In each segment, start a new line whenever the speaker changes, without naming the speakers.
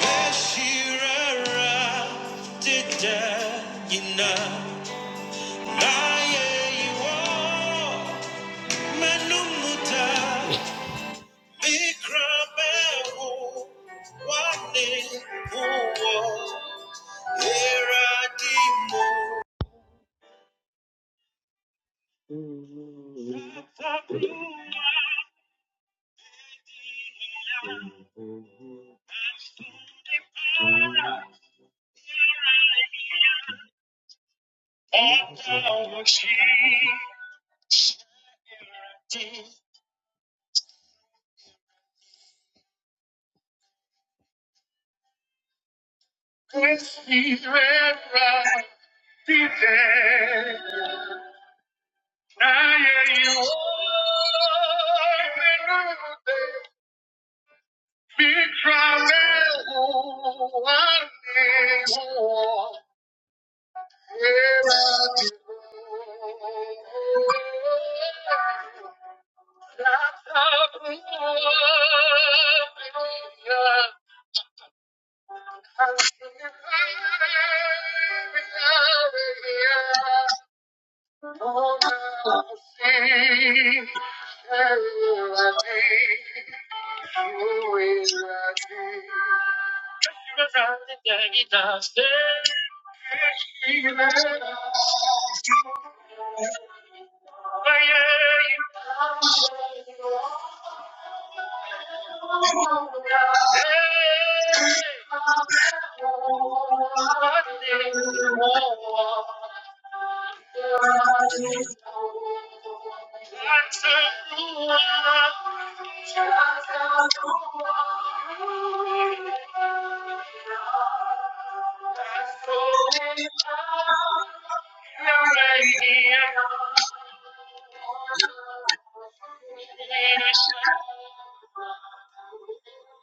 As she arrived at Diana, naye iwo manumuta bikrabehu wane uwo eradimo. satakuma diana. Whiskey red rum, DJ. Now yeah, you open up the big trial. Ooh, I need more. Where I be going. All that I see, every day, you're with me. Cause you're a constant in my darkest dreams. Oh yeah. Thank you. Thank you.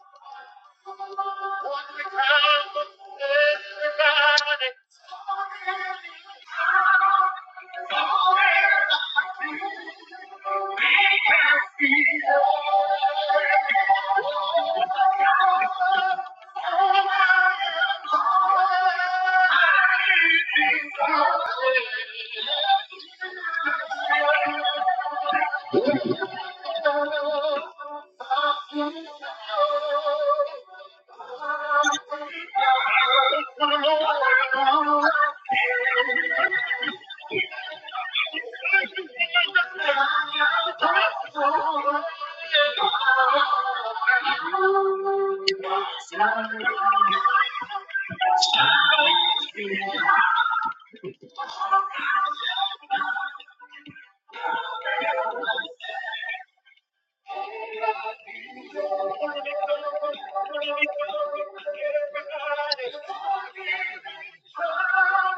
One we count on everybody. Thank you.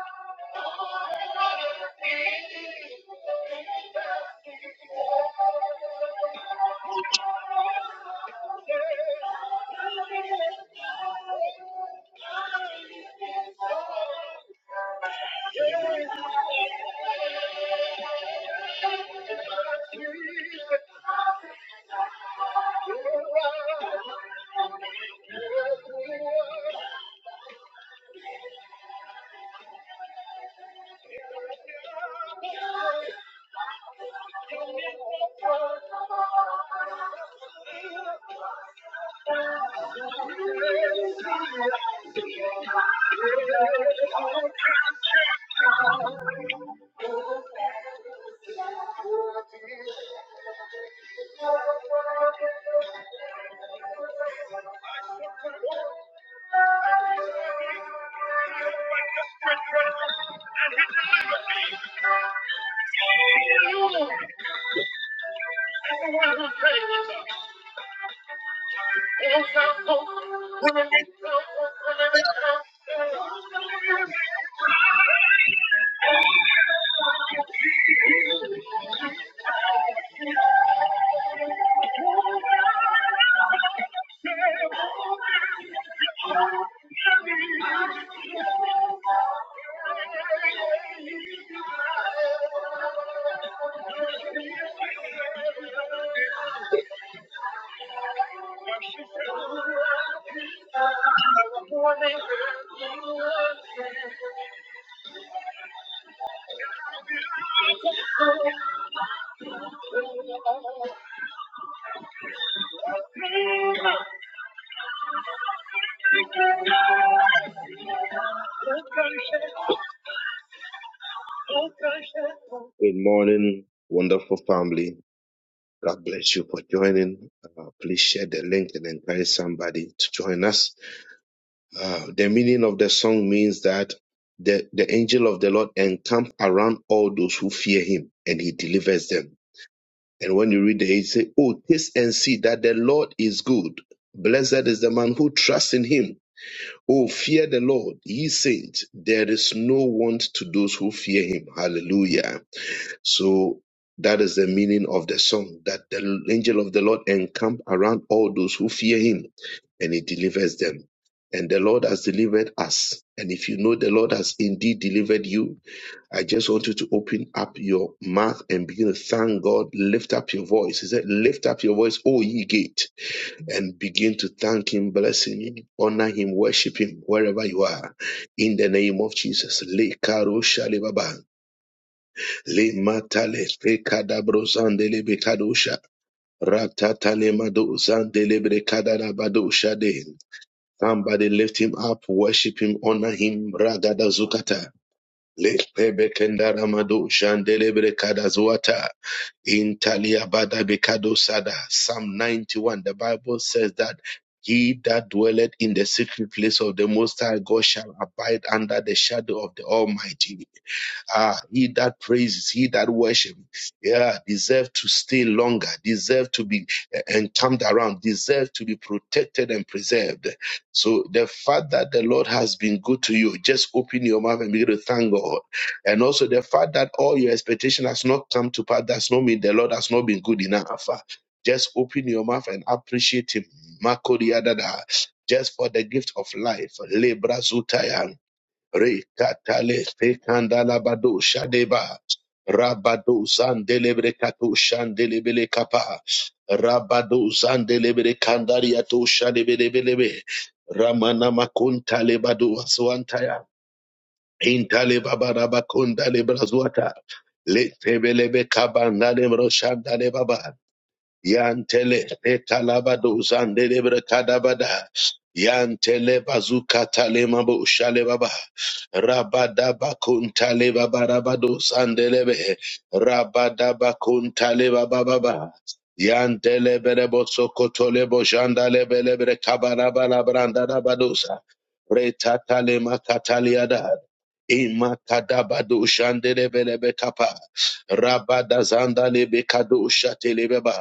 Thank you. Everyone who prays. I'm so cold. When I need you, I'm never alone. I'm never alone. I'm never alone. I'm never alone. Good morning, wonderful family. God bless you for joining. Uh, please share the link and encourage somebody to join us. Uh, the meaning of the song means that the, the angel of the Lord encamp around all those who fear him and he delivers them. And when you read the it say, Oh, taste and see that the Lord is good. Blessed is the man who trusts in him. Oh, fear the Lord, ye saints. There is no want to those who fear him. Hallelujah. So that is the meaning of the song that the angel of the Lord encamp around all those who fear him and he delivers them. And the Lord has delivered us. And if you know the Lord has indeed delivered you, I just want you to open up your mouth and begin to thank God. Lift up your voice. He said, Lift up your voice, O ye gate, and begin to thank Him, bless Him, honor Him, worship Him wherever you are. In the name of Jesus. Le karo shalibaba. Le matale fekada brosande le bekadosha. Ratatale mado zande le brekada da badosha de. Somebody lift him up, worship him, honor him. Ragada zukata. Le pebekenda ramado shandele brekada zuata. In talia bada bekado sada. Psalm 91, the Bible says that he that dwelleth in the secret place of the Most High God shall abide under the shadow of the Almighty. Ah, he that praises, he that worships, yeah, deserve to stay longer, deserve to be eh, encamped around, deserve to be protected and preserved. So the fact that the Lord has been good to you, just open your mouth and begin to thank God. And also the fact that all your expectation has not come to pass, does not mean the Lord has not been good enough. Ah, Just open your mouth and appreciate Him. Makodiadada. Just for the gift of life. Lebrazutaya. Rekatale fekandalabado shadeba. Rabado zandelebre kato shandelebele kapa. Rabado zandelebre kandaria to shadebelebelebe. Ramana makunta lebado aswantaya. Intale baba rabakonda lebrazuata. Letebelebe kabanda lebro shandale baba. Yantele etalabado zandelebra kadabada. Yantele bazuka talema bo shalebaba. Rabada bakuntale babarabado sandelebe. Rabada bakuntale bababa. Yantele berebo sokotole bo jandale belebre kabarabala branda rabadosa. Retatale makataliada. Ima kadabado shandelebelebe kapa. Rabada zandale bekado shatelebeba.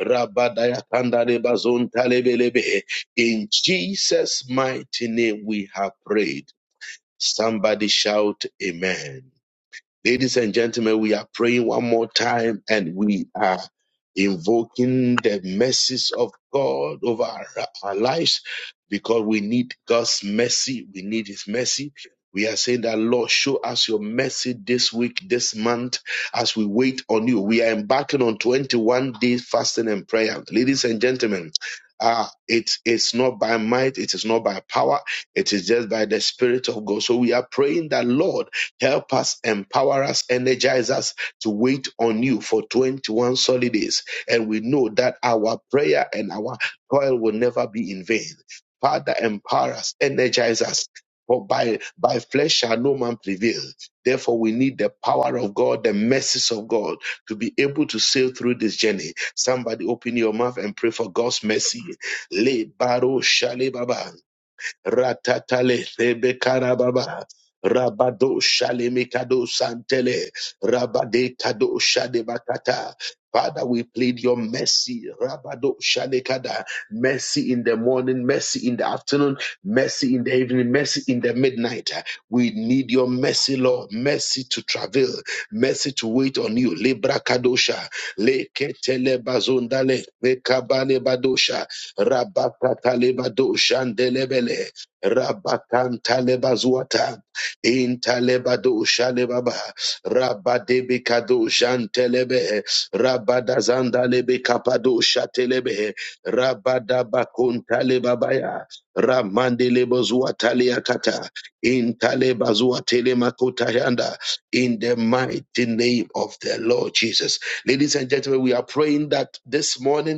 Rabadayakandarebazontalebelebe. In Jesus' mighty name we have prayed. Somebody shout Amen. Ladies and gentlemen, we are praying one more time and we are invoking the mercies of God over our, our lives because we need God's mercy. We need His mercy. We are saying that Lord, show us your mercy this week, this month, as we wait on you. We are embarking on 21 days fasting and prayer. Ladies and gentlemen, uh, it's not by might, it is not by power, it is just by the Spirit of God. So we are praying that, Lord, Help us, empower us, energize us to wait on you for 21 solid days. And we know that our prayer and our toil will never be in vain. Father, empower us, energize us. For by, by flesh shall no man prevail. Therefore, we need the power of God, the mercies of God, to be able to sail through this journey. Somebody open your mouth and pray for God's mercy. Le baro shale baba ratatale thebe karababa rabado Shalemikado santele rabade kado shade Father, we plead your mercy. Rabado shalekada. Mercy in the morning, mercy in the afternoon, mercy in the evening, mercy in the midnight. We need your mercy, Lord. Mercy to travel, mercy to wait on you. Libra kadosha, leketele bazondale, lekabale badosha, rabakatale badosha, ndelebele. Rabakantalebazwata, Intalebado Shalebaba, Rabadebekado Shantelebe, Rabadazandalebekapado Shatelebe, Rabadabakontalebabaya, Ramandelebozwataliakata, Intalebazwatelemakotayanda, in the mighty name of the Lord Jesus. Ladies and gentlemen, we are praying that this morning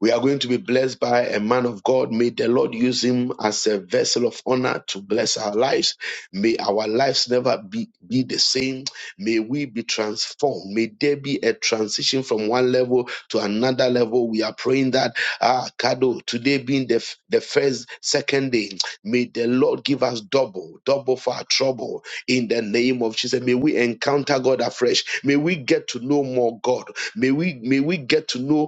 we are going to be blessed by a man of God. May the Lord use him as a vessel of honor to bless our lives. May our lives never be, be the same. May we be transformed. May there be a transition from one level to another level. We are praying that, ah, Kado, today being the, f- the first, second day, may the Lord give us double, double for our trouble in the name of Jesus. May we encounter God afresh. May we get to know more God. May we, may we get to know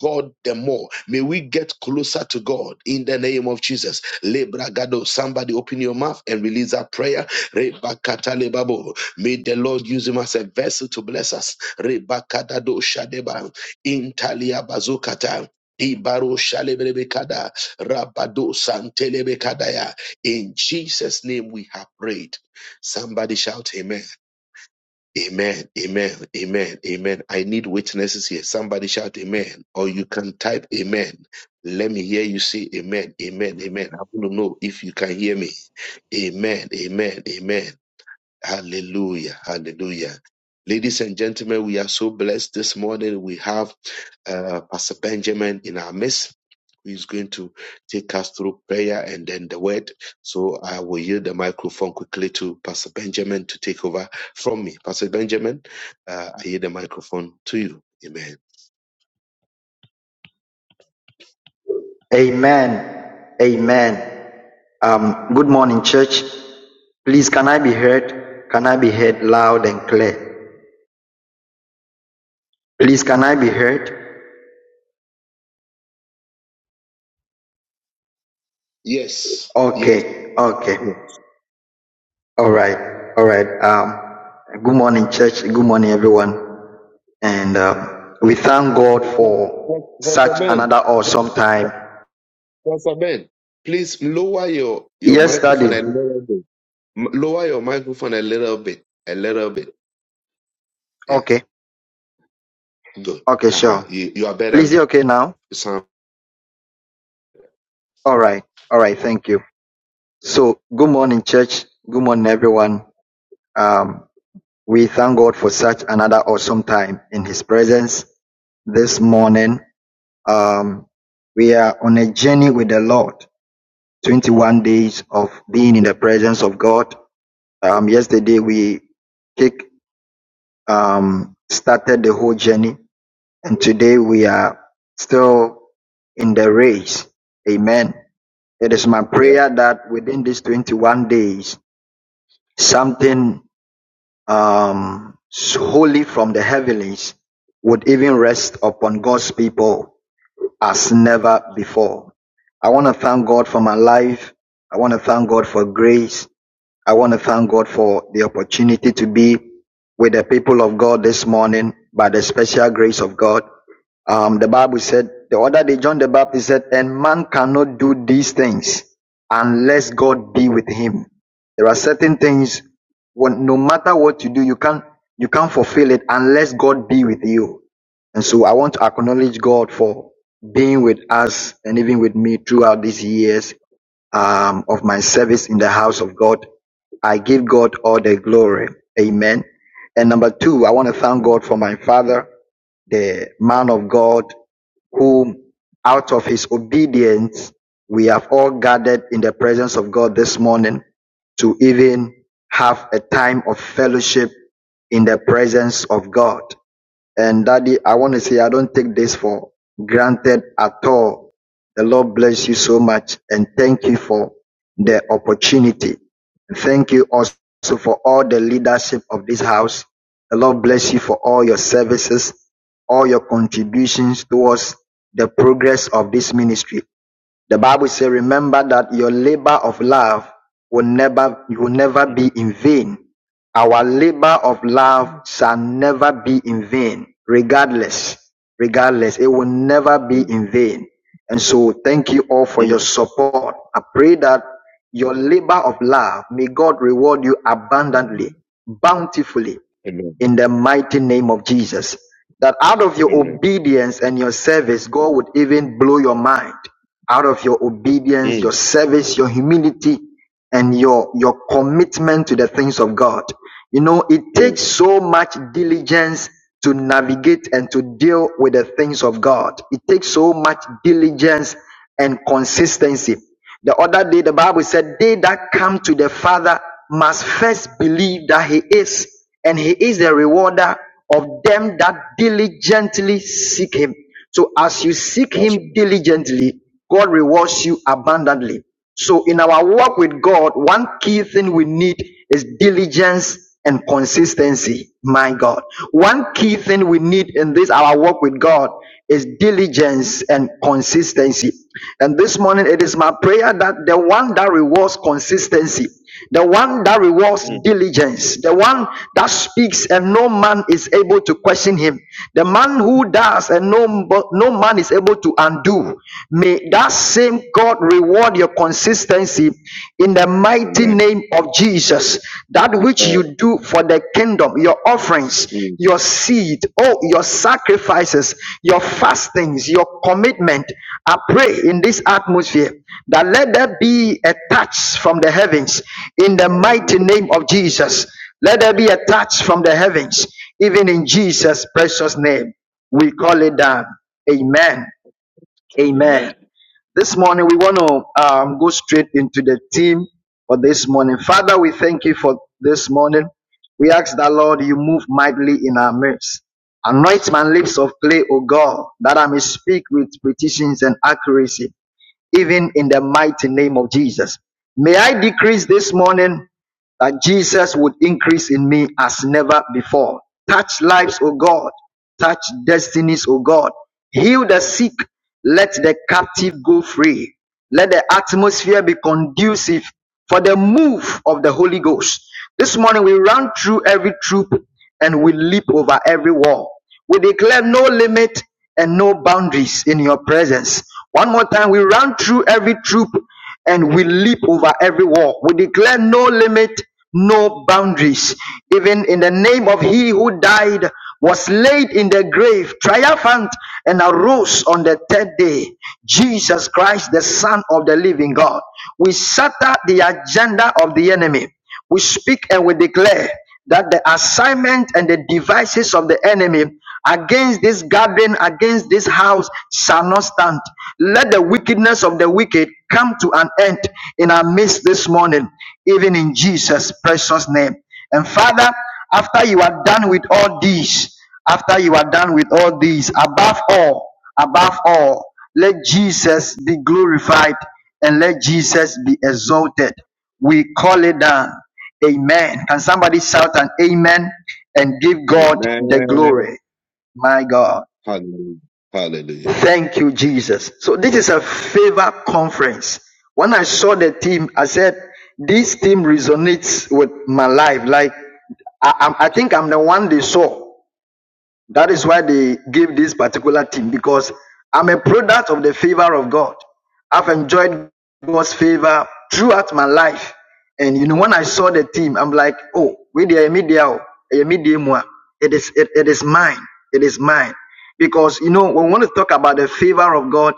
God the more. May we get closer to God in the name of Jesus. Lebragado, somebody open your mouth and release that prayer. Rebakata lebabo. May the Lord use him as a vessel to bless us. Rebakadado shadeba. Intalia bazukata. Ibaro shalebrebekada. Rabado santelebekadaya. In Jesus' name we have prayed. Somebody shout amen. Amen, amen, amen, amen. I need witnesses here. Somebody shout amen, or you can type amen. Let me hear you say amen, amen, amen. I want to know if you can hear me. Amen, amen, amen. Hallelujah. Hallelujah. Ladies and gentlemen, we are so blessed this morning. We have uh, Pastor Benjamin in our midst. who is going to take us through prayer and then the word. So I will yield the microphone quickly to Pastor Benjamin to take over from me. Pastor Benjamin, uh, I yield the microphone to you. Amen.
Amen. Amen. Um, good morning, church. Please, can I be heard? Can I be heard loud and clear? Please, can I be heard?
Yes. Yes.
Okay. Okay.
yes.
All right. All right. Um, good morning, church. Good morning, everyone. And um, we thank God
yes.
for
Pastor
such an
Ben.
awesome time.
Pastor Ben. Please lower your, your
Yesterday.
microphone and lower it. M- Lower your microphone a little bit, a little bit. Yeah,
Okay.
good.
Okay.
Uh huh.
Sure.
You, you are better.
Please,
now.
you okay now?
You sound
All right. All right. Thank you. So, good morning, church. Good morning, everyone. Um, we thank God for such another awesome time in His presence this morning. Um, we are on a journey with the Lord, 21 days of being in the presence of God. Um, yesterday we kick, um, started the whole journey and today we are still in the race. Amen. It is my
better.
prayer that within these 21 days, something um, wholly from the heavens, would even rest upon God's people as never before. I want to thank God for my life. I want to thank God for grace. I want to thank God for the opportunity to be with the people of God this morning by the special grace of God. Um, the Bible said, the other day, John the Baptist said, and man cannot do these things unless God be with him. There are certain things when, no matter what you do, you can't, you can't fulfill it unless God be with you. And so I want to acknowledge God for being with us and even with me throughout these years um, of my service in the house of God. I give God all the glory. Amen. And number two, I want to thank
Mm,
God for my father, the man of God, whom out of his obedience, we have all gathered in the presence of God this morning to even have a time of fellowship in the presence of God. And daddy, I want to say I don't take this for granted at all. The Lord bless you so much and thank you for the opportunity. Thank you also for all the leadership of this house. The Lord bless you for all your services, all your contributions towards the progress of this ministry. The Bible says, remember that your labor of love will never, will never
mm,
be in vain. Our labor of love
mm,
shall never be in vain, regardless, regardless. It will never be
mm,
in vain. And so thank you all for
mm.
your support. I pray that your labor of love, may God reward you abundantly, bountifully
Amen.
in the mighty name of Jesus. That out of your
Amen.
obedience and your service, God would even blow your mind. Out of your obedience,
Mm,
your service, your humility, and your, your commitment to the things of God. You know, it
mm.
takes so much diligence to navigate and to deal with the things of God. It takes so much diligence and consistency. The other day, the Bible said, They that come to the Father must first believe that He is, and He is the rewarder of them that diligently seek Him. So, as you seek
That's
Him
right.
diligently, God rewards you abundantly. So in our walk with God, one key thing we need is diligence and consistency. My God. One key thing we need in this our walk with God is diligence and consistency. And this morning it is my prayer that the one that rewards consistency the one that rewards
Mm,
diligence, the one that speaks and no man is able to question him, the man who does and no, no man is able to undo. May that same God reward your consistency in the mighty
Amen.
name of Jesus. That which
Mm,
you do for the kingdom, your offerings,
mm.
your seed, oh, your sacrifices, your fastings, your commitment. I pray in this atmosphere that let there be a touch from the heavens in the mighty name of Jesus. Let there be a touch from the heavens, even in Jesus' precious name. We call it down. Amen. Amen. This morning we want to um, go straight into the theme for this morning. Father, we thank you for this morning. We ask that Lord, you move mightily in our midst. Anoint my lips of clay, O God, that I may speak with precision and accuracy even in the mighty name of Jesus. May I decrease this morning that Jesus would increase in me as never before. Touch lives, O God. Touch destinies, O God. Heal the sick. Let the captive go free. Let the atmosphere be conducive for the move of the Holy Ghost. This morning we run through every troop and we leap over every wall. We declare no limit and no boundaries in your presence. One more time, we run through every troop and we leap over every wall. We declare no limit, no boundaries. Even in the name of he who died, was laid in the grave, triumphant, and arose on the third day. Jesus Christ, the Son of the living God. We shatter the agenda of the enemy. We speak and we declare that the assignment and the devices of the enemy against this garden, against this house, shall not stand. Let the wickedness of the wicked come to an end in our midst this morning, even in Jesus' precious name. And Father, after you are done with all these, after you are done with all these, above all, above all, let Jesus be glorified and let Jesus be exalted. We call it down. Amen. Can somebody shout an amen and give God
Amen.
my God?
Hallelujah. Hallelujah.
Thank you, Jesus. So this is a favor conference. When I saw the team, I said, this team resonates with my life. Like I, i I think I'm the one they saw. That is why they give this particular team because I'm a product of the favor of God. I've enjoyed God's favor throughout my life. And you know, when I saw the team, I'm like, oh, we the media, it is it, it is mine. It is mine. Because you know, when we want to talk about the favor of God.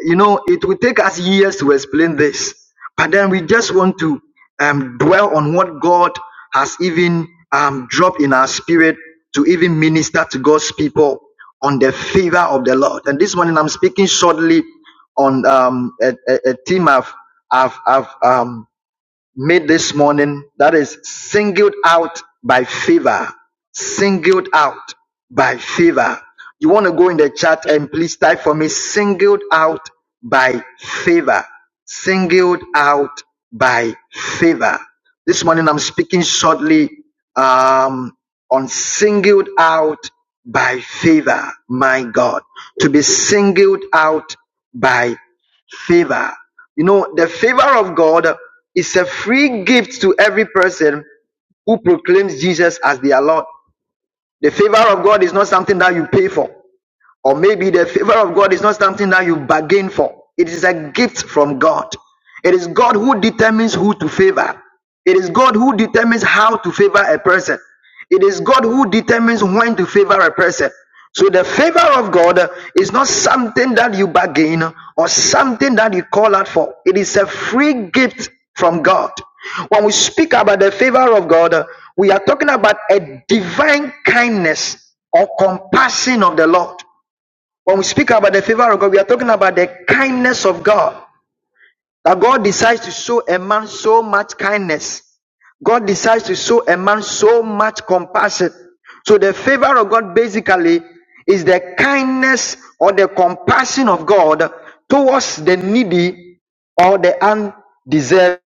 You know, it will take us years to explain this, but then we just want to um, dwell on what God has even um, dropped in our spirit to even minister to God's people on the favor of the Lord. And this morning I'm speaking shortly on um, a, a, a theme I've, I've, I've, um, made this morning that is singled out by favor. Singled out by favor. You want to go in the chat and please type for me singled out by favor. Singled out by favor. This morning I'm speaking shortly um, on singled out by favor. My God. To be singled out by favor. You know, the favor of God is a free gift to every person who proclaims Jesus as their Lord. The favor of God is not something that you pay for. Or maybe the favor of God is not something that you bargain for. It is a gift from God. It is God who determines who to favor. It is God who determines how to favor a person. It is God who determines when to favor a person. So the favor of God is not something that you bargain or something that you call out for. It is a free gift from God. When we speak about the favor of God, we are talking about a divine kindness or compassion of the Lord. When we speak about the favor of God, we are talking about the kindness of God. That God decides to show a man so much kindness. God decides to show a man so much compassion. So the favor of God basically is the kindness or the compassion of God towards the needy or the undeserved.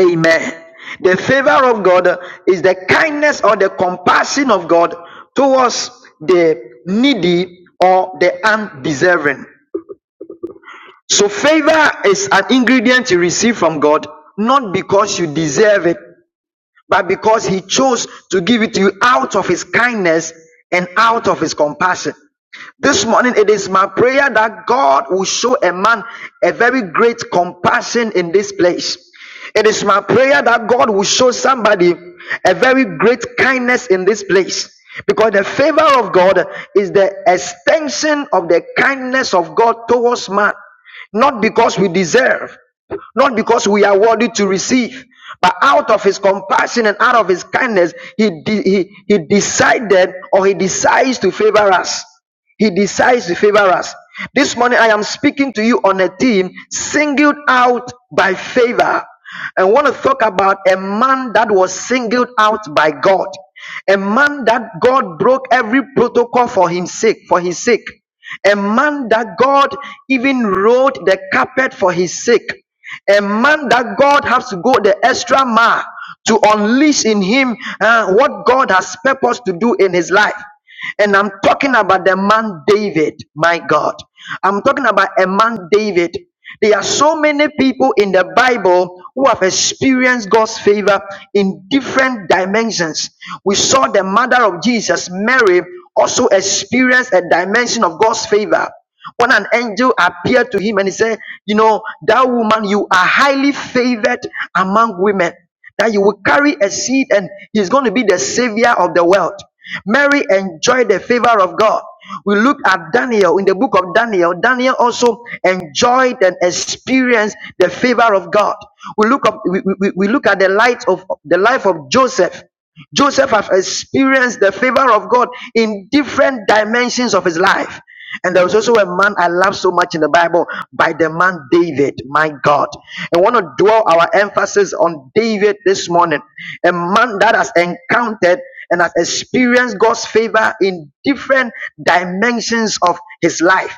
Amen. The favor of God is the kindness or the compassion of God towards the needy or the undeserving. So, favor is an ingredient you receive from God, not because you deserve it, but because He chose to give it to you out of His kindness and out of His compassion. This morning, it is my prayer that God will show a man a very great compassion in this place. It is my prayer that God will show somebody a very great kindness in this place. Because the favor of God is the extension of the kindness of God towards man, not because we deserve, not because we are worthy to receive, but out of his compassion and out of his kindness, he, de- he, he decided or he decides to favor us. He decides to favor us. This morning, I am speaking to you on a team singled out by favor. I want to talk about a man that was singled out by God, a man that God broke every protocol for his sake, for his sake, a man that God even rolled the carpet for his sake, a man that God has to go the extra mile to unleash in him uh, what God has purposed to do in his life. And I'm talking about the man David, my God. I'm talking about a man David. There are so many people in the Bible who have experienced God's favor in different dimensions. We saw the mother of Jesus, Mary, also experienced a dimension of God's favor when an angel appeared to him and he said, You know, that woman, you are highly favored among women that you will carry a seed and he's going to be the savior of the world. Mary enjoyed the favor of God. We look at Daniel in the book of Daniel. Daniel also enjoyed and experienced the favor of God. We look up, we, we, we look at the light of the life of Joseph. Joseph has experienced the favor of God in different dimensions of his life. And there was also a man I love so much in the Bible by the man David, my God. I want to dwell our emphasis on David this morning, a man that has encountered and has experienced God's favor in different dimensions of his life.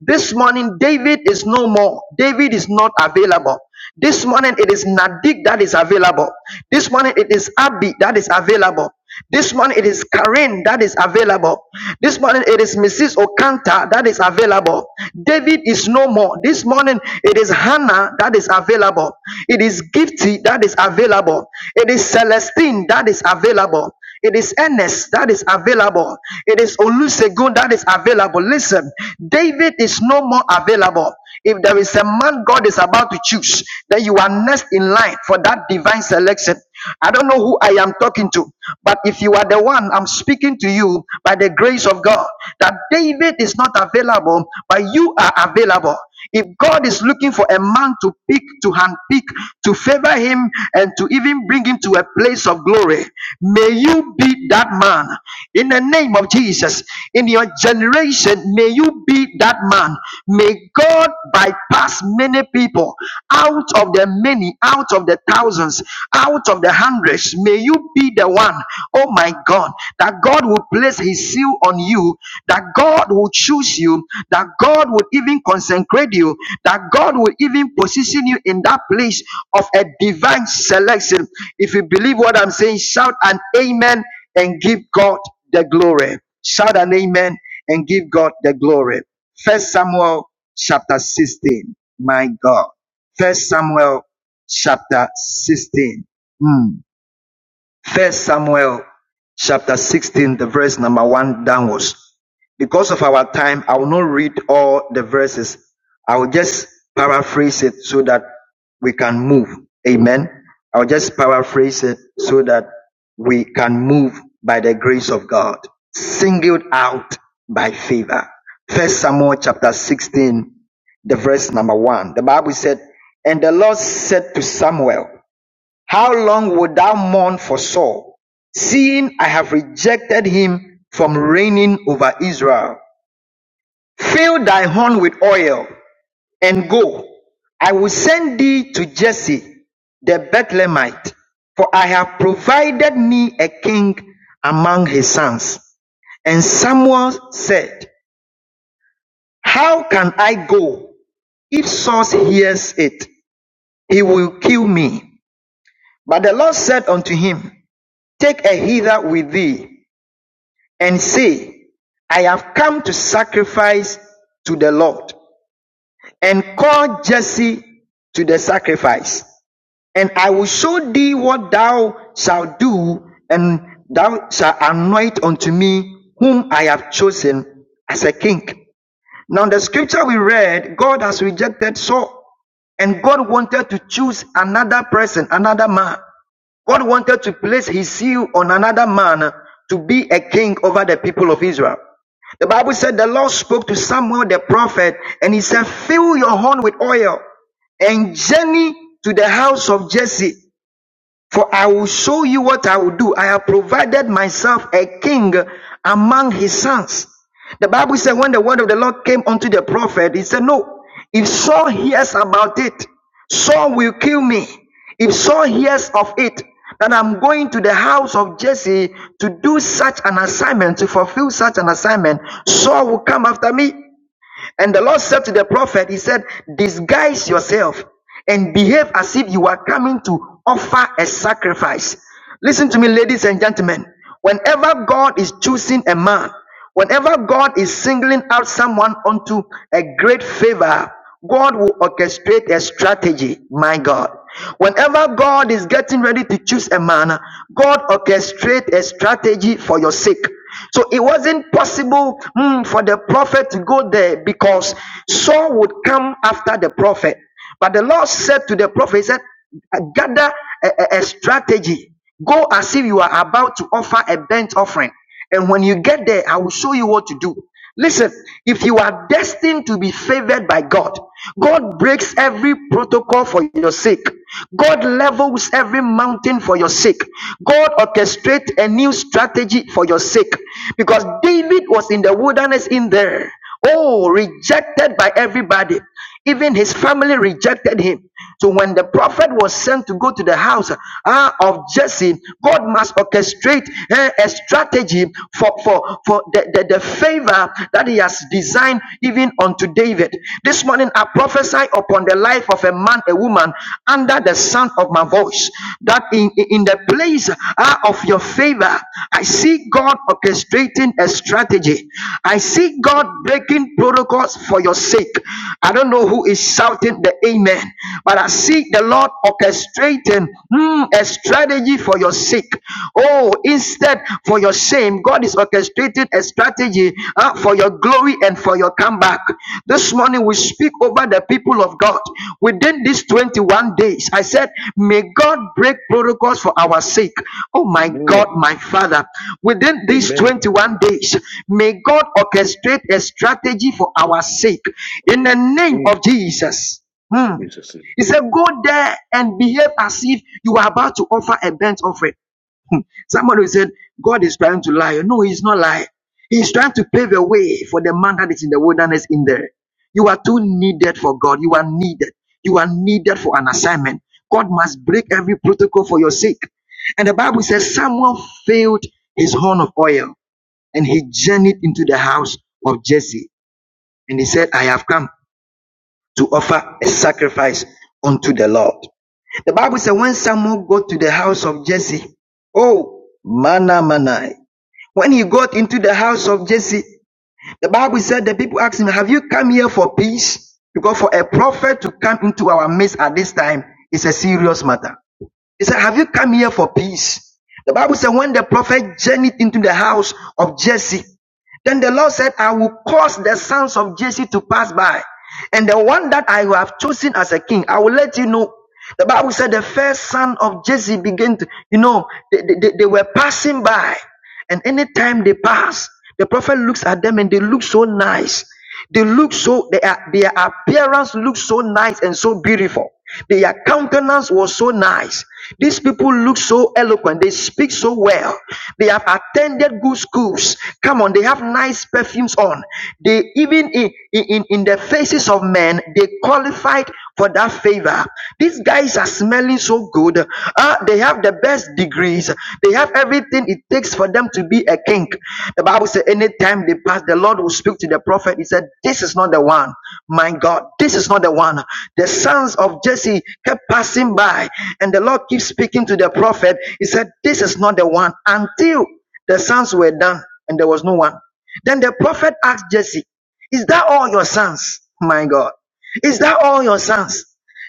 This morning, David is no more. David is not available. This morning it is Nadik that is available. This morning it is Abby that is available. This morning it is Karen that is available. This morning it is Mrs. Okanta that is available. David is no more. This morning it is Hannah that is available. It is Gifty that is available. It is Celestine that is available. It is Ernest that is available. It is Olusegun that is available. Listen, David is no more available. If there is a man God is about to choose, then you are next in line for that divine selection. I don't know who I am talking to, but if you are the one, I'm speaking to you by the grace of God that David is not available, but you are available. If God is looking for a man to pick, to handpick, to favor him, and to even bring him to a place of glory, may you be that man in the name of Jesus. In your generation, may you be that man. May God bypass many people out of the many, out of the thousands, out of the hundreds. May you be the one, oh my God, that God will place his seal on you, that God will choose you, that God will even consecrate you, that God will even position you in that place of a divine selection. If you believe what I'm saying, shout an amen and give God the glory. Shout an amen and give God the glory. First Samuel chapter 16. My God. First Samuel chapter 16. Hmm. First Samuel chapter 16, the verse number one downwards. Because of our time, I will not read all the verses. I will just paraphrase it so that we can move. Amen. I will just paraphrase it so that we can move by the grace of God, singled out by favor. First Samuel chapter 16, the verse number one. The Bible said, And the Lord said to Samuel, how long wilt thou mourn for Saul, seeing I have rejected him from reigning over Israel? Fill thy horn with oil and go. I will send thee to Jesse the Bethlehemite, for I have provided me a king among his sons. And Samuel said, How can I go? If Saul hears it, he will kill me. But the Lord said unto him, Take a hither with thee and say, I have come to sacrifice to the Lord, and call Jesse to the sacrifice, and I will show thee what thou shalt do, and thou shalt anoint unto me whom I have chosen as a king now, the scripture we read, God has rejected Saul, and God wanted to choose another person, another man. God wanted to place his seal on another man to be a king over the people of Israel. The Bible said the Lord spoke to Samuel the prophet, and he said, Fill your horn with oil and journey to the house of Jesse. For I will show you what I will do. I have provided myself a king among his sons. The Bible said when the word of the Lord came unto the prophet, he said, No, if Saul hears about it, Saul will kill me. If Saul hears of it, that I'm going to the house of Jesse to do such an assignment, to fulfill such an assignment, Saul will come after me. And the Lord said to the prophet, He said, Disguise yourself and behave as if you are coming to offer a sacrifice. Listen to me, ladies and gentlemen. Whenever God is choosing a man, whenever God is singling out someone unto a great favor, God will orchestrate a strategy. My God. Whenever God is getting ready to choose a man, God orchestrates a strategy for your sake. So it wasn't possible mm, for the prophet to go there because Saul would come after the prophet. But the Lord said to the prophet, He said, gather a, a- a strategy. Go as if you are about to offer a burnt offering. And when you get there, I will show you what to do. Listen, if you are destined to be favored by God, God breaks every protocol for your sake. God levels every mountain for your sake. God orchestrates a new strategy for your sake. Because David was in the wilderness in there. Oh, rejected by everybody. Even his family rejected him. So when the prophet was sent to go to the house ah, of Jesse, God must orchestrate eh, a strategy for, for, for the, the, the favor that he has designed even unto David. This morning I prophesy upon the life of a man, a woman under the sound of my voice. that in, in the place uh, of your favor, I see God orchestrating a strategy. I see God breaking protocols for your sake. I don't know who is shouting the amen, but I see the Lord orchestrating mm, a strategy for your sake. Oh, instead for your shame, God is orchestrating a strategy uh, for your glory and for your comeback. This morning we speak over the people of God within these 21 days. I said, May God break protocols for our sake. Oh my God,
Amen.
my Father, within these
Amen.
21 days, may God orchestrate a strategy for our sake in the name
Mm,
of Jesus. Hmm.
Jesus. name.
He said, Go there and behave as if you are about to offer a burnt offering. Somebody said, God is trying to lie. No, he's not lying. He's trying to pave a way for the man that is in the wilderness in there. You are too needed for God. You are needed. You are needed for an assignment. God must break every protocol for your sake. And the Bible says Samuel failed his horn of oil and he journeyed into the house of Jesse. And he said, I have come to offer a sacrifice unto the Lord. The Bible says when Samuel got to the house of Jesse, oh, manna manai. When he got into the house of Jesse, the Bible said the people asked him, Have you come here for peace? Because for a prophet to come into our midst at this time is a serious matter. He said, Have you come here for peace? The Bible said, When the prophet journeyed into the house of Jesse, then the Lord said, I will cause the sons of Jesse to pass by. And the one that I have chosen as a king, I will let you know. The Bible said, The first son of Jesse began to, you know, they, they, they- were passing by. And anytime they pass, the prophet looks at them and they look so nice. They look so, they are, their appearance looks so nice and so beautiful. Their countenance was so nice. These people look so eloquent. They speak so well. They have attended good schools. Come on, they have nice perfumes on. They even in, in, in the faces of men, they qualified for that favor. These guys are smelling so good. Uh, they have the best degrees. They have everything it takes for them to be a king. The Bible says, anytime they pass, the Lord will speak to the prophet. He said, This is not the one. My God, this is not the one. The sons of Jesse kept passing by, and the Lord keeps speaking to the prophet. He said, This is not the one until the sons were done and there was no one. Then the prophet asked Jesse, Is that all your sons? My God. Is that all your sons?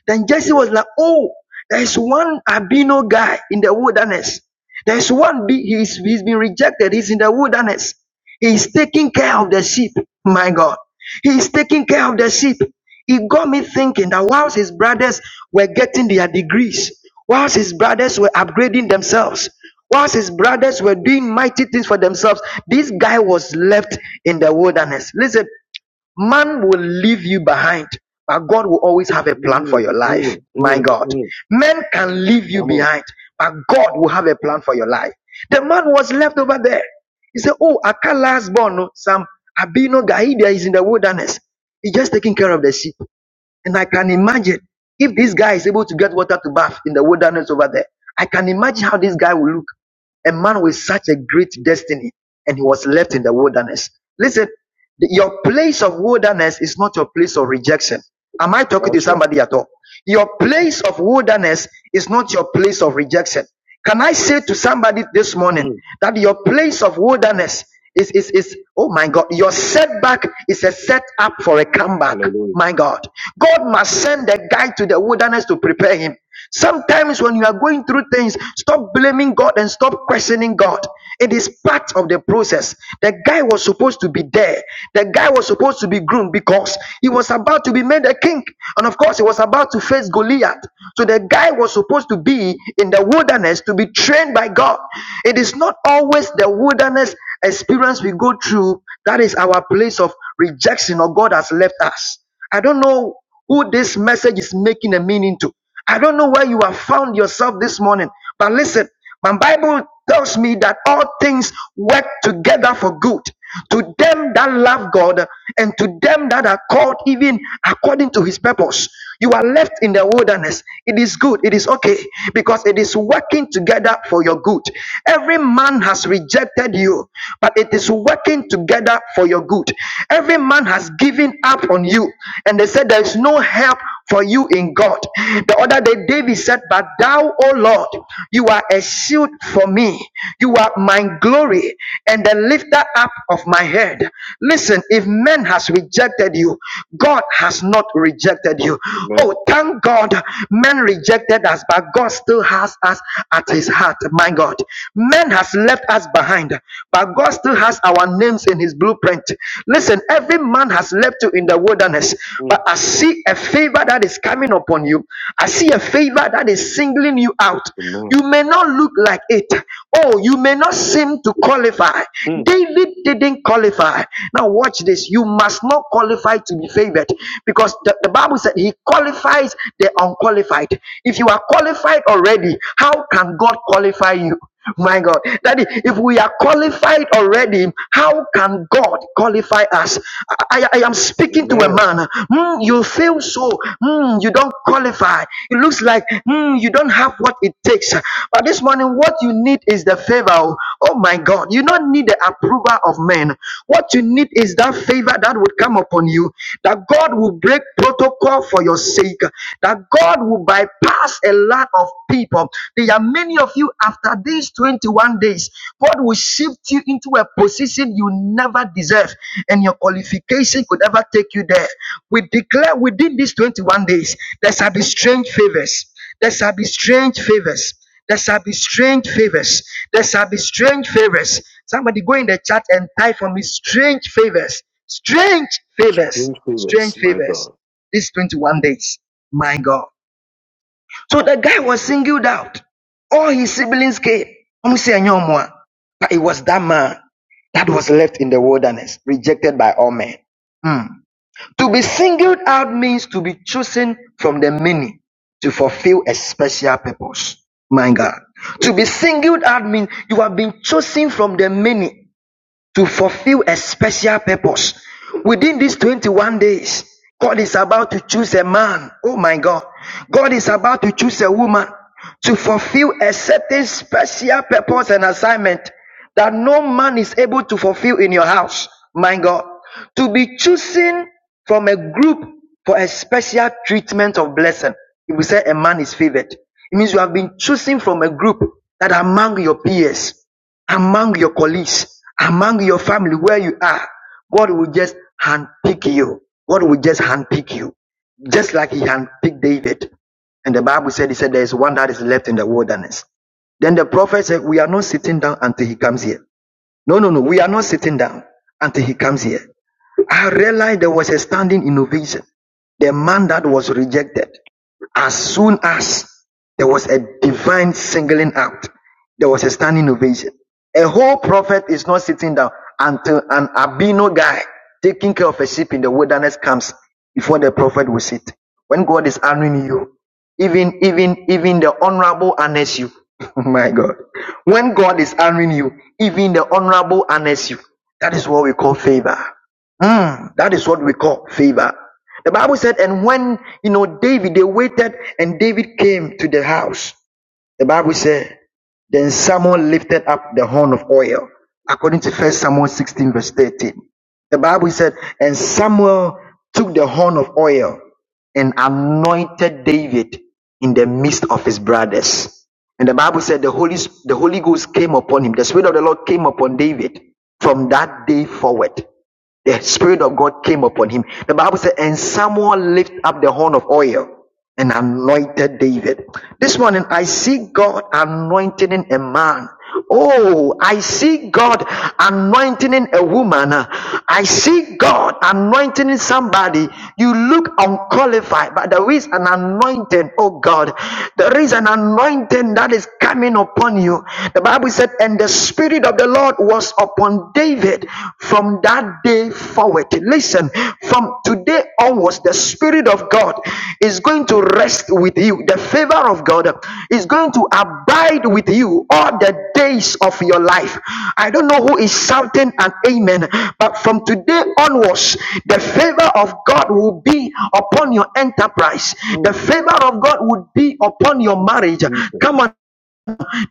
Then Jesse was like, Oh, there is one Abino guy in the wilderness. There is one, be- he's, he's been rejected. He's in the wilderness. He's taking care of the sheep. My God. He's taking care of the sheep. It got me thinking that whilst his brothers were getting their degrees, whilst his brothers were upgrading themselves, whilst his brothers were doing mighty things for themselves, this guy was left in the wilderness. Listen, Man will leave you behind, but God will always have a plan for
Mm,
your life.
mm,
My
mm,
God.
mm.
Men can leave you
Come on.
behind, but God will have a plan for your life. The man was left over there. He said, Oh, Akala's born, no, some Abino Gaida is in the wilderness. He's just taking care of the sheep. And I can imagine if this guy is able to get water to bath in the wilderness over there, I can imagine how this guy will look. A man with such a great destiny, and he was left in the wilderness. Listen, the- your place of wilderness is not your place of rejection. Am I talking to
That's right.
somebody? else? Your place of wilderness is not your place of rejection. Can I say to somebody this morning
Mm,
that your place of wilderness is, is, is oh my God, your setback is a setup for a comeback.
hallelujah.
my God must send a guy to the wilderness to prepare him. Sometimes when you are going through things, stop blaming God and stop questioning God. It is part of the process. The guy was supposed to be there. The guy was supposed to be groomed because he was about to be made a king. And of course, he was about to face Goliath. So the guy was supposed to be in the wilderness to be trained by God. It is not always the wilderness experience we go through that is our place of rejection or God has left us. I don't know who this message is making a meaning to. I don't know where you have found yourself this morning, but listen, my Bible tells me that all things work together for good to them that love God and to them that are called even according to his purpose. You are left in the wilderness. It is good. It is okay because it is working together for your good. Every man has rejected you, but it is working together for your good. Every man has given up on you, and they said, There is no help for you in God. The other day, David said, But thou, O Lord, you are a shield for me, you are my glory, and the lifter up of my head. Listen, if man has rejected you, God has not rejected you.
Amen.
Oh, thank God, men rejected us, but God still has us at his heart. My God, man has left us behind, but God still has our names in His blueprint. Listen, every man has left you in the wilderness,
Mm,
but I see a favor that is coming upon you. I see a favor that is singling you out. You
amen.
may not look like it. Oh, you may not seem to qualify.
Mm,
David didn't qualify. Now, watch this. You must not qualify to be favored because the, the Bible said he qualifies the unqualified. If you are qualified already, how can God qualify you? My God, Daddy, if we are qualified already, how can God qualify us? I, I I am speaking to a
amen.
man. "Hmm, you feel so. Hmm, you don't qualify. It looks like hmm, you don't have what it takes. But this morning, what you need is the favor. Oh my God, you don't need the approval of men. What you need is that favor that would come upon you, that God will break protocol for your sake, that God will bypass a lot of people. There are many of you after these 21 days, God will shift you into a position you never deserve, and your qualification could never take you there. We declare within these 21 days, there shall be strange favors. There shall be strange favors. There shall be strange favors. There shall be strange favors. Somebody go in the chat and type for me strange favors. Strange favors.
Screen favors, my
Yes,
God.
These 21 days. My God. So the guy was singled out. All his siblings came. Ɔmo sɛ ɛnyɛ ɔmo a. But it was that man that was left in the wilderness, rejected by all men. Hmm. To be singled out means to be chosen from the many to fulfill a special purpose. My God. To be singled out means you have been chosen from the many to fulfill a special purpose. Within these 21 days, God is about to choose a man. Oh my God. God is about to choose a woman to fulfill a certain special purpose and assignment that no man is able to fulfill in your house. My God. To be chosen from a group for a special treatment of blessing. If we say a man is favored, it means you have been chosen from a group that among your peers among your colleagues, among your family, where you are, God will just handpick you. God will just handpick you. Just like he handpicked David. And the Bible said, he said, there is one that is left in the wilderness. Then the prophet said, we are not sitting down until he comes here. No, no, no. We are not sitting down until he comes here. I realized there was a standing innovation. The man that was rejected. As soon as there was a divine singling out, there was a standing ovation. A whole prophet is not sitting down until an albino guy taking care of a sheep in the wilderness comes before the prophet will sit. When God is honoring you, even even even the honorable honors you. My God. When God is honoring you, even the honorable honors you. That is what we call favor. Mm, that is what we call favor. The Bible said, and when you know David, they waited, and David came to the house. The Bible said, then Samuel lifted up the horn of oil, according to First Samuel 16 verse 13. The Bible said, and Samuel took the horn of oil and anointed David in the midst of his brothers. And the Bible said the Holy, the Holy Ghost came upon him. The Spirit of the Lord came upon David from that day forward the Spirit of God came upon him. The Bible said, and someone lifted up the horn of oil and anointed David. This morning, I see God anointing a man. Oh, I see God anointing a woman. I see God anointing somebody. You look unqualified, but there is an anointing, oh God. There is an anointing that is coming upon you. The Bible said, and the Spirit of the of the Lord was upon David from that day forward. Listen, from today onwards, the Spirit of God is going to rest with you. The favor of God is going to abide with you all the days of your life. I don't know who is shouting an amen, but from today onwards, the favor of God will be upon your enterprise,
Mm,
the favor of God would be upon your marriage.
Jesus,
Come on.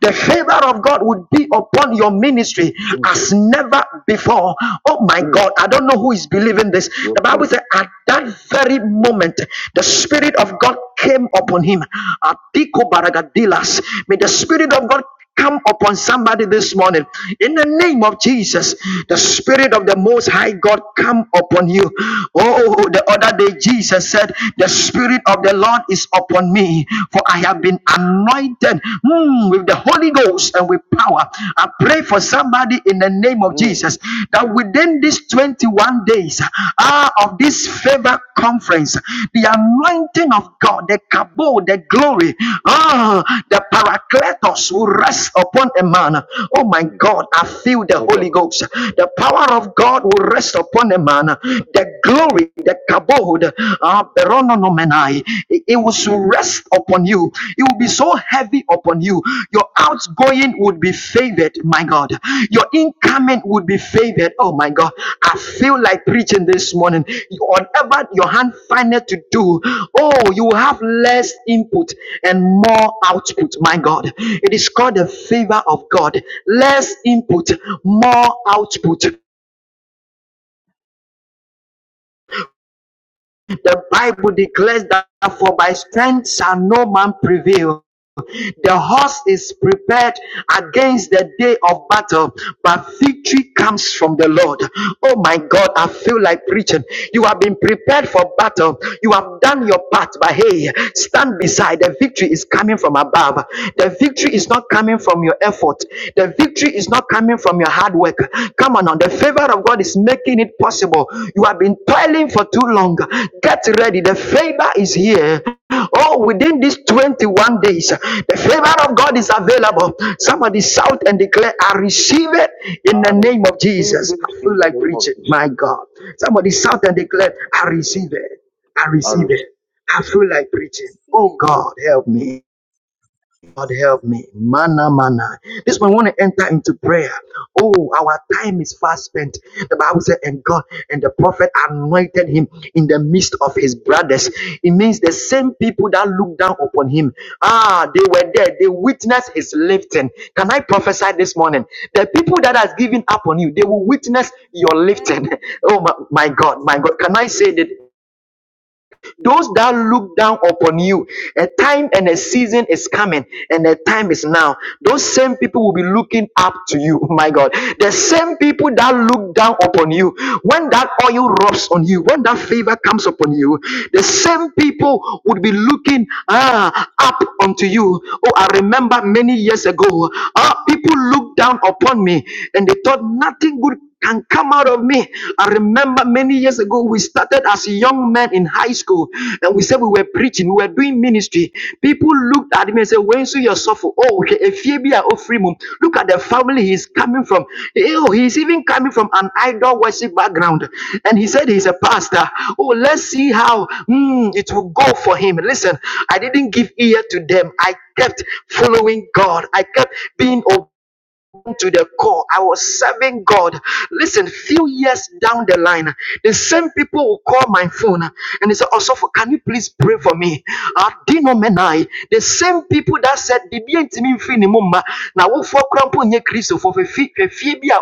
The favor of God would be upon your ministry
Jesus,
as never before. Oh my
mm,
God, I don't know who is believing this.
yes,
The Bible
Lord,
said, at that very moment, the Spirit of God came upon him. Apiko baragadilas. May the Spirit of God come upon somebody this morning in the name of Jesus. The Spirit of the Most High God come upon you. Oh, the other day Jesus said, The Spirit of the Lord is upon me, for I have been anointed mm, with the Holy Ghost and with power. I pray for somebody in the name of
mm,
Jesus that within these 21 days ah, of this favor conference, the anointing of God, the kabo, the glory, ah, the paracletos will rest upon a man. Oh my
Jesus,
God, I feel the
my God.
Holy Ghost. The power of God will rest upon a man. The glory, the kabod, ah, perononomenai, it it will rest upon you. It will be so heavy upon you. Your outgoing would be favored, my God. Your incoming would be favored. Oh my God. I feel like preaching this morning. You- Whatever your hand findeth to do, oh, you will have less input and more output, my God. It is called the favor of God. Less input, more output. The Bible declares that for by strength shall no man prevail. The horse is prepared against the day of battle, but victory comes from the Lord. Oh my God, I feel like preaching. You have been prepared for battle. You have done your part, but hey, stand beside. The victory is coming from above. The victory is not coming from your effort. The Victory is not coming from your hard work. Come on, on the favor of God is making it possible. You have been toiling for too long. Get ready. The favor is here. Oh, within these 21 days, the favor of God is available. Somebody shout and declare, I receive it in the
I receive
name of Jesus.
it in the name of Jesus.
God. Somebody shout and declare, I receive it. I
I
receive
receive
it. I feel like preaching. Oh God, help me. God help me. Mana, mana. This one want to enter into prayer. Oh, our time is fast spent. The Bible said, and God and the prophet anointed him in the midst of his brothers. It means the same people that looked down upon him. Ah, they were there. They witnessed his lifting. Can I prophesy this morning? The people that has given up on you, they will witness your
Amen.
lifting. Oh my, my God, my God. Can I say that? Those that look down upon you, a time and a season is coming, and a time is now. Those same people will be looking up to you. My God,
Amen.
the same people that look down upon you, when that oil rubs on you, when that favor comes upon you, the same people would be looking ah, up unto you. Oh, I remember many years ago. ah, people looked down upon me and they thought nothing good can come out of me. I remember many years ago, we started as young men in high school and we said we were preaching, we were doing ministry. People looked at me and said, When so you suffer? Oh, okay, if you be a free mum. Look at the family he's coming from. Oh, he's even coming from an idol worship background. And he said he's a pastor. Oh, let's see how hmm, it will go for him. Listen, I didn't give ear to them. I kept following God. I kept being obedient to the core. I was serving God. Listen, few years down the line, the same people will call my phone and they say, Also, can you please pray for me? Adino menai. The same people that said, "Bibi entimi mfi ne mu mma, na wofoɔ koraa mpo nyɛ Kristofoɔ, hwɛ fi- hwɛ fie bi a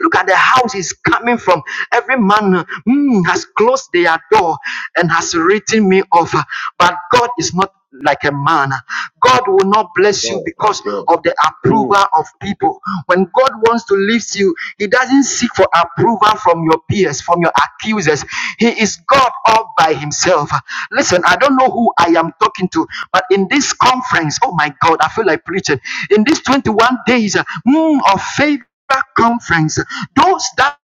Look at the house he's coming from. Every man mm, has closed their door and has written me off. But God is not like a man. God will not
it,
bless you
God, my
because
God.
approval
Mm,
of people. When God wants to lift you, He doesn't seek for approval from your peers, from your accusers. He is God all by Himself. Listen, I don't know who I am talking to, but in this conference, oh my God, I feel like preaching. In these 21 days mm, of faith conference, those that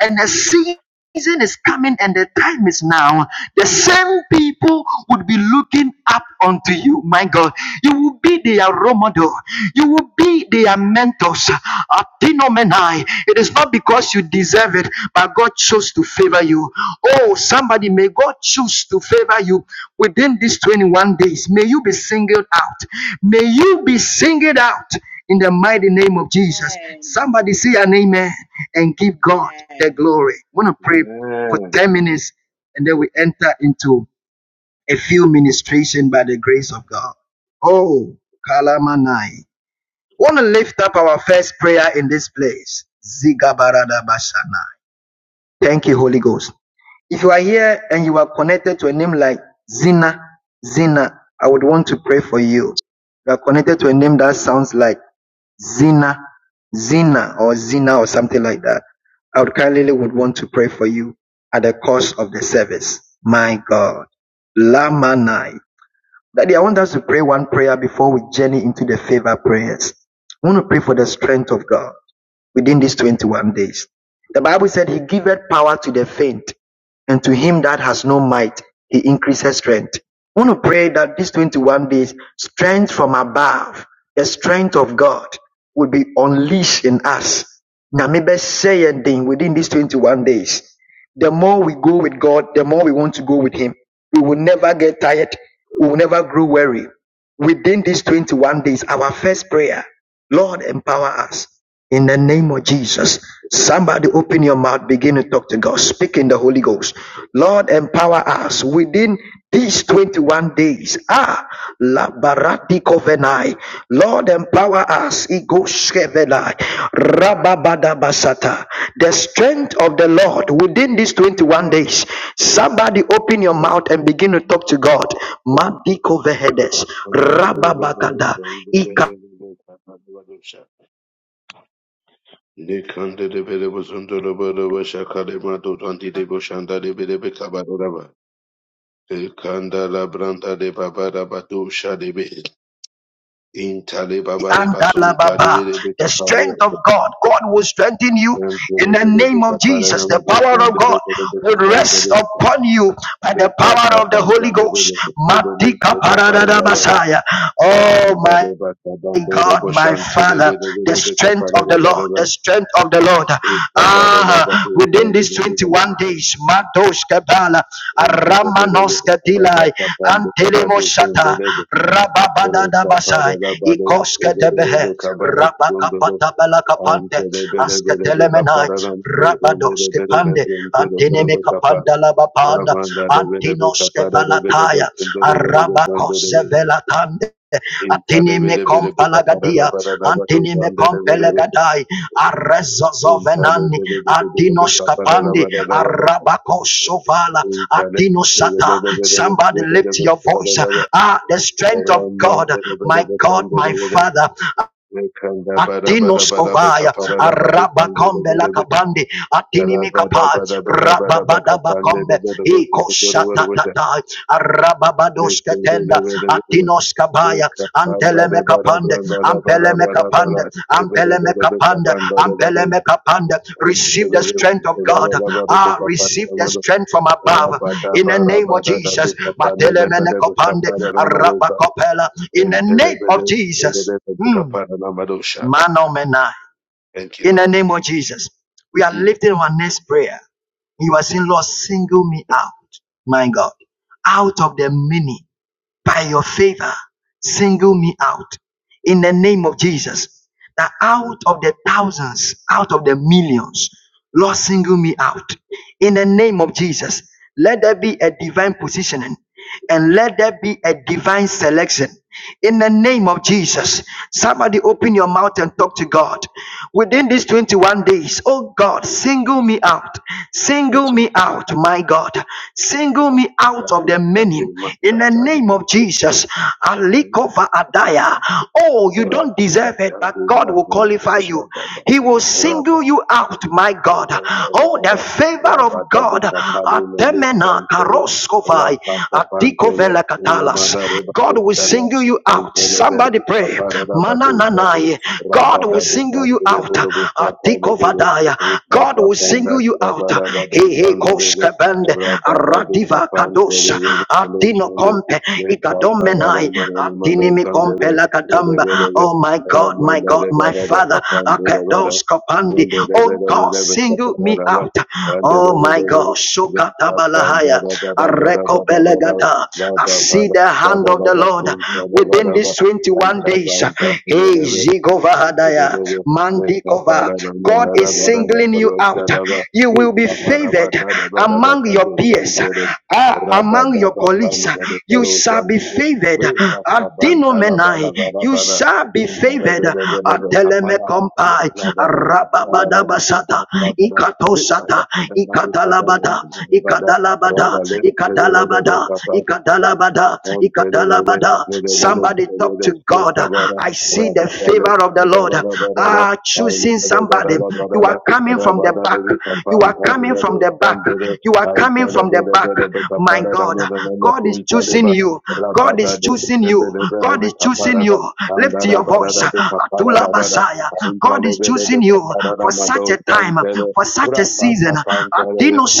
and the season is coming and the time is now the same people would be looking up unto you my god you will be their role model you will be their mentors Atinomeni. it is not because you deserve it but god chose to favor you oh somebody may god choose to favor you within these 21 days may you be singled out may you be singled out in the mighty name of Jesus.
Amen.
Somebody say an amen and give God the
Amen.
glory. I want to pray for
man.
10 minutes and then we enter into a few ministration by the grace of God. Oh, Kalamanai. Want to lift up our first prayer in this place. Zigabaradabashana. Thank you, Holy Ghost. If you are here and you are connected to a name like Zina, Zina, I would want to pray for you. You are connected to a name that sounds like Zina, Zina or Zina or something like that. I would kindly would want to pray for you at the course of the service. My God. Lamanai. Daddy, I want us to pray one prayer before we journey into the favor prayers. I want to pray for the strength of God within these 21 days. The Bible said he giveth power to the faint, and to him that has no might, he increases strength. I want to pray that these 21 days, strength from above, the strength of God will be unleashed in us. Now, maybe say a thing within these 21 days. The more we go with God, the more we want to go with Him. We will never get tired. We will never grow weary. Within these 21 days, our first prayer, Lord, empower us. In the name of Jesus, somebody open your mouth, begin to talk to God, speak in the Holy Ghost. Lord, empower us within these 21 days. Ah, la barati covenai. Lord, empower us. Ego shevenai. Rababada basata. The strength of the Lord within these 21 days. Somebody open your mouth and begin to talk to God. Madiko vehedes. Rababaka.
Lekanda de Belebo Zundo Lobo Shakalema Dotanti de Boshanda de Belebe Kabaraba. Lekanda la Branda de Baba Rabatu Shadebe. Intale Baba de Basun Talebe
Ikababa
de Bekapalia.
God will strengthen you
Kapara
in the name of Jesus. The Power of God will rest upon you by the power of the Holy Dika Messiah. Oh my God, Father of the Lord. Ah, within this Matos Kabala, Ramanos Kadilai, Antelemo Rababada Basai, Tebehe, Apante, Telemandalabapanda,
Rabanda de Vedebe Capara de Vedebe Sundo de Vedebe Sando de Vedebe
Aratande,
Inta de Vedebe de Capara da Vada da Vato Sande de Vedebe Inta
Atinimadai,
de Vedebe de Vedebe
Dinos
Capara da
Kapande
Vada da Vada
Rabako Sovala
Inta de
Atino Sata.
Vedebe de Vedebe Vedebe
your
Capara da Vada
ah the strength of
Rama de
my
Vedebe
God
Sando de Vedebe Kanda Bada Bada Bada Bada
Novaya
Capara da Vada Sande de Vedebe
Atinimika
Rabada Bada Bada
Rabba
Bada Bada Capande de Vedebe Sukutu
Arababadoske
de Vedebe Thank
Abaya,
you, Lord.
Telemeka Telemeka receive the strength of God ah strength from above in the name of Telemen in the name Manomena in the name of Jesus we are
Mm.
lifting our next prayer He was saying, Lord, single me out, my God, out of the many by your favor, single me out in the name of Jesus. That out of the thousands, out of the millions, Lord, single me out in the name of Jesus. Let there be a divine positioning and let there be a divine selection in the name of Jesus. Somebody open your mouth and talk to God within these 21 days. Oh God, single me out,
That's
single
what-
me out, my God, single me out
that's
of the
what- that's the
many, in the
that's a
name of Jesus. Alikova Adaya. Oh, you don't
Rapa
deserve it, but
Patavi
God will
Madhuma
qualify you.
Shababa
He will single
Rapa
you out,
and
my God. Oh, the
Baba
favor of
Rapa
God.
Dabi Kapali Nali
Ena
Sampere
karoskovai,
Rapa Kapantele
likovedalas.
Unamana Reba Tukada
Single you out.
Sampere Bere Kaparada Badu Sabu
God
Rapa
will single
Dabi
you
Kapile
out.
Borobu Kapale Bere
Adaya. God
Rapa
will
Panda Babara Badu
single you
Sandere Rapa
out.
Dabi Kapantele Bere Sandere
Oh my God, my God. Don't stand. Oh, oh Atabalahaya, Belegada. I see the hand of the Lord within the one days. Hey, Jehovah Mandi You'll be favored among your peers, ah, among your colleagues. You shall be favored. ah, Adinomenai shall be favored. Kompai, Rababadabasa, Ikatosata, Ikatalaba, Ikatalabada, Dalabada,
Rabba
Labada, Ikata. Somebody. see the favor of the Lord. Ah, choosing somebody coming from the back. You are you are coming from sin. You God is lifting your God is in you. Season. Innocent.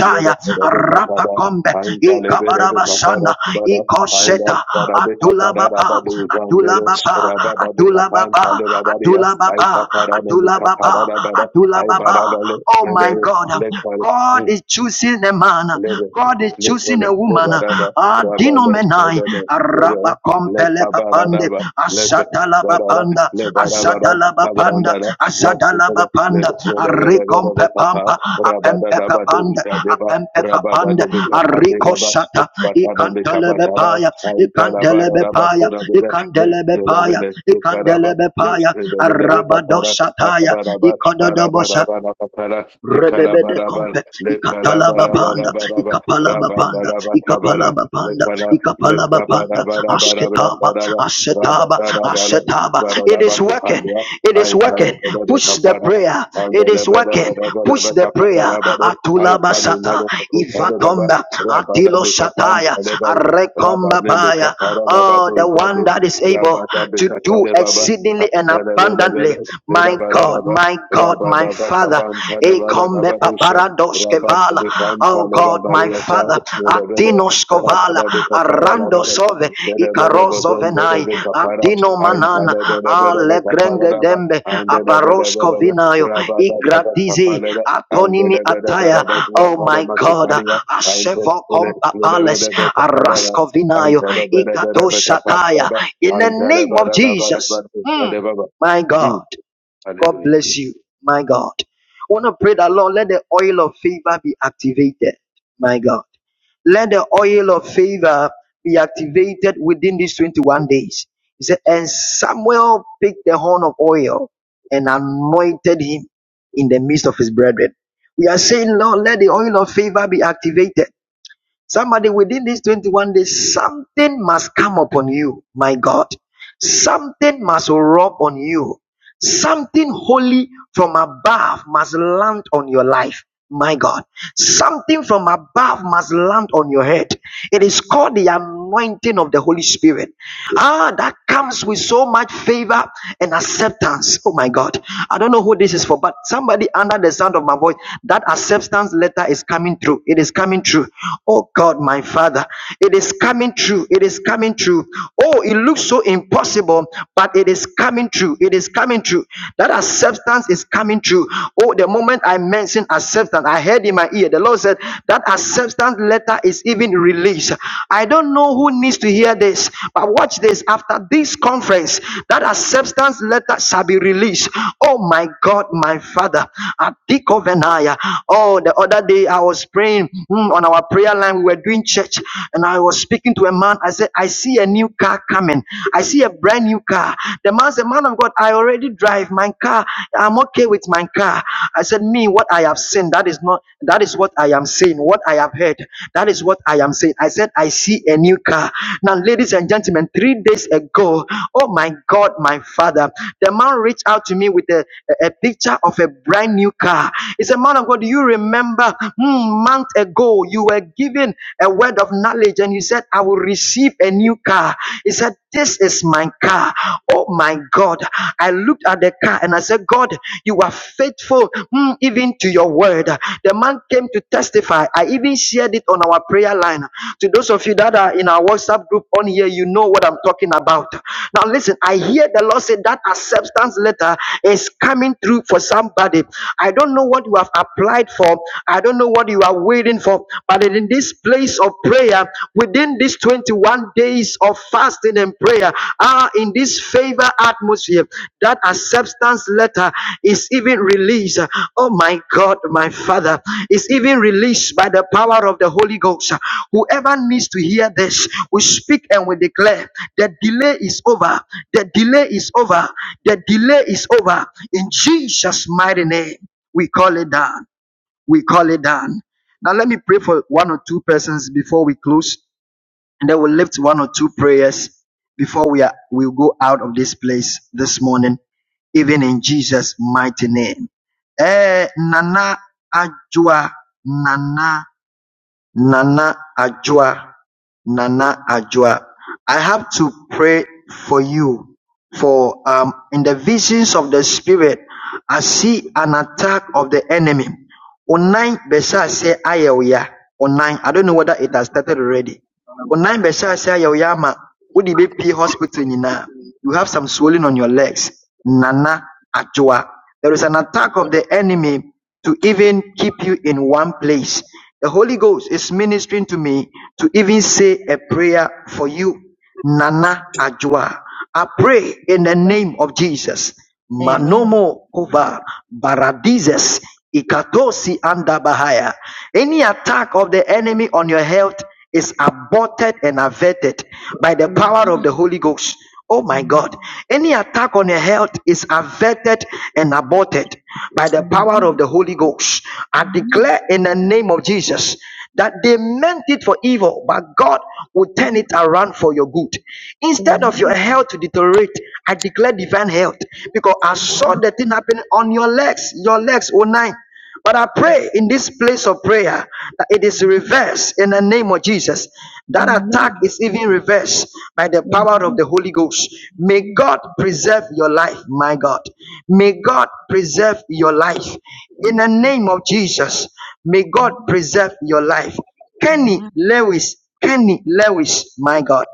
Rap.
I love
Ikosheta.
Barabeka Parabadu Zandere, Rabada
Dula.
Bekapan, Talebabaria,
Dula.
I Caparana Bekaparabada,
Dula.
I
Baba.
Barabale,
And
Nedere,
God.
Lekar,
God is choosing a man.
lebe
God is choosing
lekole
a woman.
lebaraba
Dino
rabale
men.
lebele lebe
Araba compele kapanda
lekabaradaba leke barara
panda
lebarabaraba
panda
kabrandara
adalaba
lekele
arika
lebelebelebe kapa rabadadaba dushadeba
panda
rabadadebe
Ikosh
kapadegaba batadambe kabatara
ikandelebe
aitalabararaba kurabele le
paya
lebele lekaraba
kandelebe
lebelebe
arabaya
kapara arabaraba arabaraba
nabosharebebe
kapara lekala bara bara bara bara
palabapan
Lekalabarabarabaraba, rabanarabatabara, lekala- lekabarabarabarabarabaraba,
taba.
rabarabara,
It is
barabarabakupalia,
it is working.
aintalebelebekapara,
It is
andelebelebelebelebekaparabaro,
abasatilos
bara rabarabekapantalebaba,
arekomaba. Oh, one
rabanebekaparabadojade,
that is able
rabarabekatalebaba,
and abundant.
antelebelebele,
My God,
lebarabara,
not my ekom
rabarabakabantalebarabarusha, Rabba
kevala.
Bikan
Oh
Paleva
God,
Bariata, Nedabede,
Martino Vala,
Rabada Bikapara, Rabada, Nedabede
Icaros
Bozon, Bikapara, and
Anana,
Tanabede Bikapara, Rabba, and
Abaros,
Nedabede Rabada Kapalera, and
Ikonimi
Nedabede
Ataya. Oh
Bazuatare
my God,
Makitaria, and
Vales,
Nedabede Bikapara,
Now,
and
in
Tanabede Bikapara,
the
and
name
Tanabada Bada Bada
my God.
Bada.
God
Hallelujah.
bless you, my God. I want to pray that Lord, let the oil of favor be activated, my God. Let the oil of favor be activated within these 21 days. He said, and Samuel picked the horn of oil and anointed him in the midst of his brethren. We are saying, Lord, let the oil of favor be activated. Somebody within these 21 days, something must come upon you, my God. Something must rub on you. Something holy from above must land on your life, my God. Something from above must land on your head. It is called the anointing of the Holy Spirit. Ah, that comes with so much favor and acceptance. Oh my God. I don't know who this is for, but somebody under the sound of my voice, that acceptance letter is coming through. It is coming through. Oh God, my Father. It is coming through. It is coming through. Oh, it looks so impossible, but it is coming through. It is coming through. That acceptance is coming through. Oh, the moment I mention acceptance, acceptance. I heard in my ear, the Lord said, That acceptance letter is even released. I don't know who needs to hear this, but watch this. After this conference, that acceptance letter shall be released. Oh my God, my Father. Adikovenaya. Oh, the other day I was praying mm, on our prayer line. We were doing church, and I was speaking to a man. I said, I see a new car coming. I see a brand new car. The man said, Man of God, I already drive my car. I'm okay with my car. I said, Me, what I have seen, that is not, that is what I am saying. What I have heard, that is what I am saying. I said, I see a new car. Now, ladies and gentlemen, three days ago, oh my God, my father, the man reached out to me with a, a a picture of a brand new car. He said, Man of God, do you remember hmm, month ago you were given a word of knowledge and you said, I will receive a new car? He said, this is my car. Oh my God. I looked at the car and I said, God, you are faithful mm, even to your word. The man came to testify. I even shared it on our prayer line. To those of you that are in our WhatsApp group on here, you know what I'm talking about. Now, listen, I hear the Lord say that acceptance letter is coming through for somebody. I don't know what you have applied for, I don't know what you are waiting for, but it is this place of prayer, within these 21 days of fasting and prayer, are in this favor atmosphere that acceptance letter is even released. Oh my God, my Father, is even released by the power of the Holy Ghost. Whoever needs to hear this, we speak and we declare the delay is over. The delay is over. The delay is over. In Jesus' mighty name, we call it down we call it down. Now let me pray for one or two persons before we close, and then we'll lift one or two prayers before we are we'll go out of this place this morning, even in Jesus' mighty name. Eh, Nana Ajua, Nana Nana Ajua, Nana Ajua, I have to pray for you. For um, in the visions of the spirit, I see an attack of the enemy. Online, Besa say Ayoya. Online, I don't know whether it has started already. Wo nan bɛhyɛ ase ayɛ wo yɛ ama hospital nyinaa. You have some swelling on your legs. Nana Ajua. There is an attack of the enemy to even keep you in one place. The Holy Ghost is ministering to me to even say a prayer for you. Nana Ajua. I pray in the
Amen.
name of Jesus. Manomo kova baradizes ikatosi anda bahaya. Any attack of the enemy on your health is aborted and averted by the power of
Amen.
the Holy Ghost. Oh my
Amen.
God. Any attack on your health is averted and aborted by the
Amen.
power of the Holy Ghost. I
Amen.
declare in the name of Jesus that they meant it for evil, but God will turn
Amen.
it around for your good. Instead of your
Amen.
health to deteriorate, I declare divine health because I saw the thing happening on your legs, your legs, oh nine. But I pray in this place of prayer that it is reversed in the name of Jesus.
Amen.
That attack
Amen.
is even reversed by the power of the Holy Ghost. May
Amen.
God preserve your life, my God. May God preserve your life in the
Amen.
name of Jesus, may God preserve your life.
Amen.
Kenny Lewis, Kenny Lewis, my God.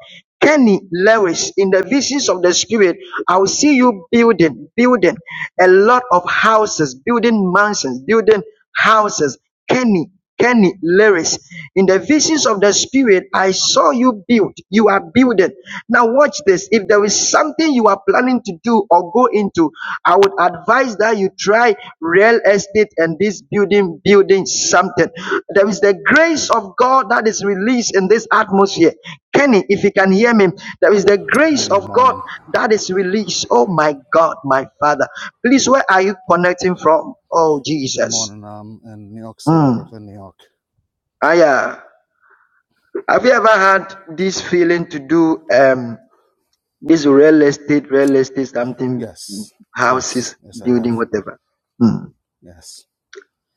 Kenny Lewis, in the visions of the Spirit, I will see you building, building a lot of houses, building mansions, building houses. Kenny, Kenny Lewis. In the visions of the spirit, I saw you build. You are building. Now watch this. If there is something you are planning to do or go into, I would advise that you try real estate and this building, building something. There is the grace of God that is released in this atmosphere. Kenny, if you can hear me, there is the grace
Hey,
of God
morning.
that is released. Oh my God, my Father. Please, where are you connecting from? Oh,
Good
Jesus.
morning. I'm in New York City,
Mm.
Brooklyn, New York.
Aya. Have you ever had this feeling to do um this real estate, real estate, something,
Yes, yes,
houses,
yes, I
building,
have.
whatever? Hmm.
Yes.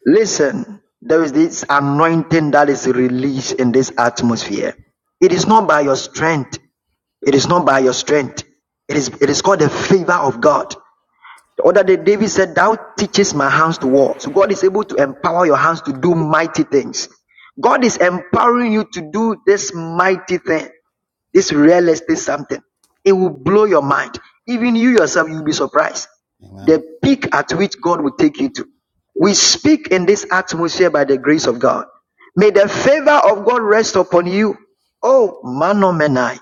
Listen, there is this anointing that is released in this atmosphere. It is not by your strength. It is not by your strength. It is it is called the favor of God. The other day, David said, Thou teachest my hands to war. So God is able to empower your hands to do mighty things. God is empowering you to do this mighty thing. This real estate something, it will blow your mind. Even you yourself, you'll be surprised.
Amen.
The peak at which God will take you to. We speak in this atmosphere by the grace of God. May the favor of God rest upon you. Oh, Manomenai.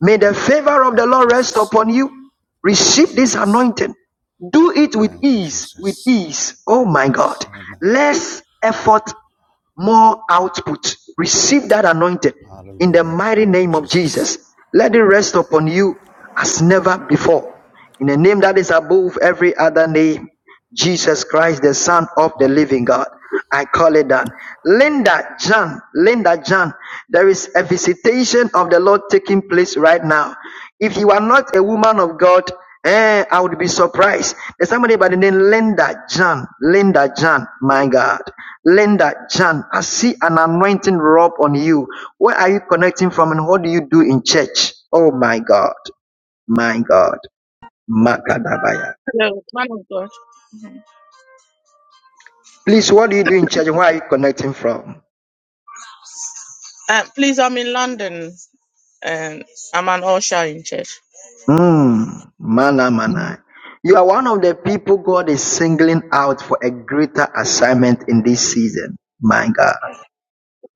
May
Thank
the
you.
favor of the
Thank you,
Lord rest
Jesus.
upon you.
Thank you,
Receive this
Jesus.
anointing. Do it with
Thank you,
ease, with
Jesus.
ease. Oh my
Yes.
God.
Amen.
Less effort more output. Receive that anointing in the
Hallelujah.
mighty
Thank you,
name of
Jesus.
Jesus. Let it rest upon you as never before. In the name that is above every other name, Jesus Christ, the Son of the Living
Hallelujah.
God. I call it done. Linda John, Linda John, there is a visitation of the Lord taking place right now. If you are not a woman of God, Eh, I would be surprised. There's somebody by the name Linda John. Linda John, my God. Linda John, I see an anointing rub on you. Where are you connecting from and what do you do in church? Oh my God. My God. Makadabaya.
Hello, man of God.
Please, what do you do in church and where are you connecting from?
Uh, please, I'm in London and I'm an usher in church.
Hmm. Mana
Mm.
mana. You are one of the people God is singling out for a greater assignment in this season. My God.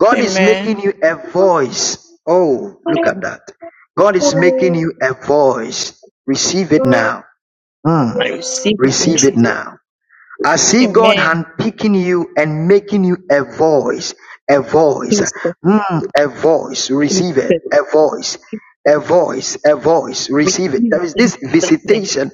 God is
Amen.
making you a voice. Oh, look at that. God is making you a voice. Receive it now.
I
Mm,
receive it in
receive it
Jesus.
now. I see God
Amen.
handpicking you and making you a voice, a voice,
Jesus,
mm, a voice, receive it,
Jesus,
a voice, a voice, a voice, receive it.
receive it
There is
in
this
Jesus' name.
visitation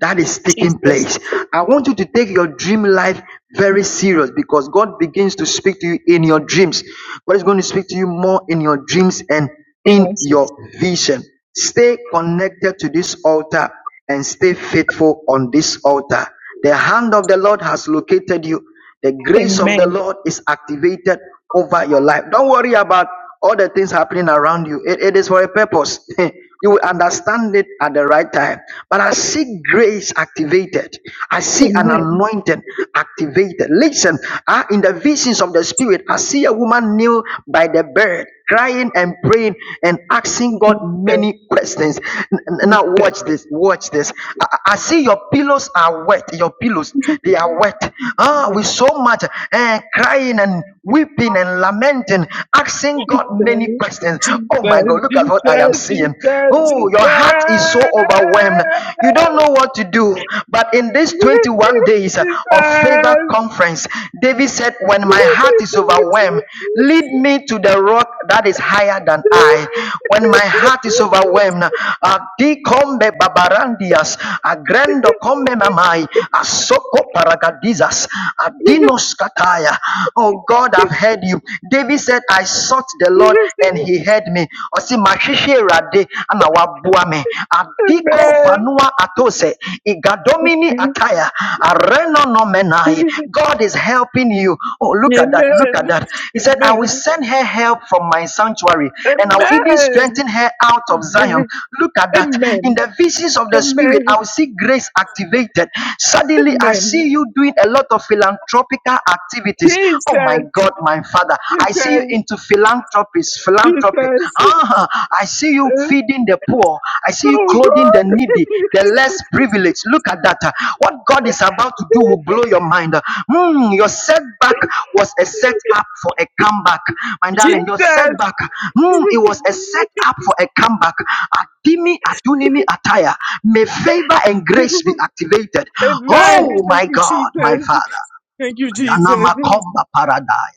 that is taking
Jesus.
place. I want you to take your dream life very serious because God begins to speak to you in your dreams. God is going to speak to you more in your dreams and in
Yes.
your vision. Stay connected to this altar and stay faithful on this altar. The hand of the Lord has located you. The grace of the
Amen.
Lord is activated over your life. Don't worry about all the things happening around you. It, it is for a purpose. you will understand it at the right time. But I see grace activated. I see an
Amen.
anointing activated. Listen, ah, in the visions of the spirit, I see a woman kneel by the bed crying and praying and asking God
Jesus,
many questions. N- n- Now
Jesus,
watch this, watch this. I, I see your pillows are wet. Your pillows,
Jesus,
they are wet. Ah, with so much eh, crying and weeping and lamenting, asking God many questions. Oh my
Jesus,
God, look at what I am
Jesus,
seeing.
Jesus,
Oh, your heart is so overwhelmed. You don't know what to do. But in
Jesus.
these 21 days of favor conference, David said, When my heart is overwhelmed,
Jesus.
lead me to the rock that is higher
Amen. Amen. Amen. Amen.
than I. When my heart is overwhelmed, Adikombe babarandias, agrendo kombe mamai, asoko paragadizas, adinos kataya. Oh God, I've heard you. David said, I sought the Lord and he heard me. Osi mashishe rade, ana wabua me. Iko vanua atose. Igadomini ataya. Areno nomenai. God is helping you. Oh, look at that. Look at that. He said, I will send her help from my sanctuary and I will even strengthen her out of Zion. Look at that. In
Amen.
the visions of
Amen.
the spirit, I
Amen.
will see grace activated. Suddenly, I
Amen.
see you doing a lot of philanthropical activities. Oh my
Jesus.
God, my father. I see you
Jesus.
into philanthropy philanthropist, philanthropic.
Jesus.
Ah, I see you feeding the poor. I see you
Oh
clothing the
God.
needy, the less
Jesus.
privileged. Look at that. What God is about to do will blow your mind. Hmm, your setback was a setup for a comeback. My darling, your setback, hmm, it was a setup for a comeback. Adimi, adunimi, ataya. May favor and grace be activated.
Amen.
Oh
Thank
my
you,
God, my
Jesus.
Father.
Thank you,
Yana
Jesus.
makomba paradaya.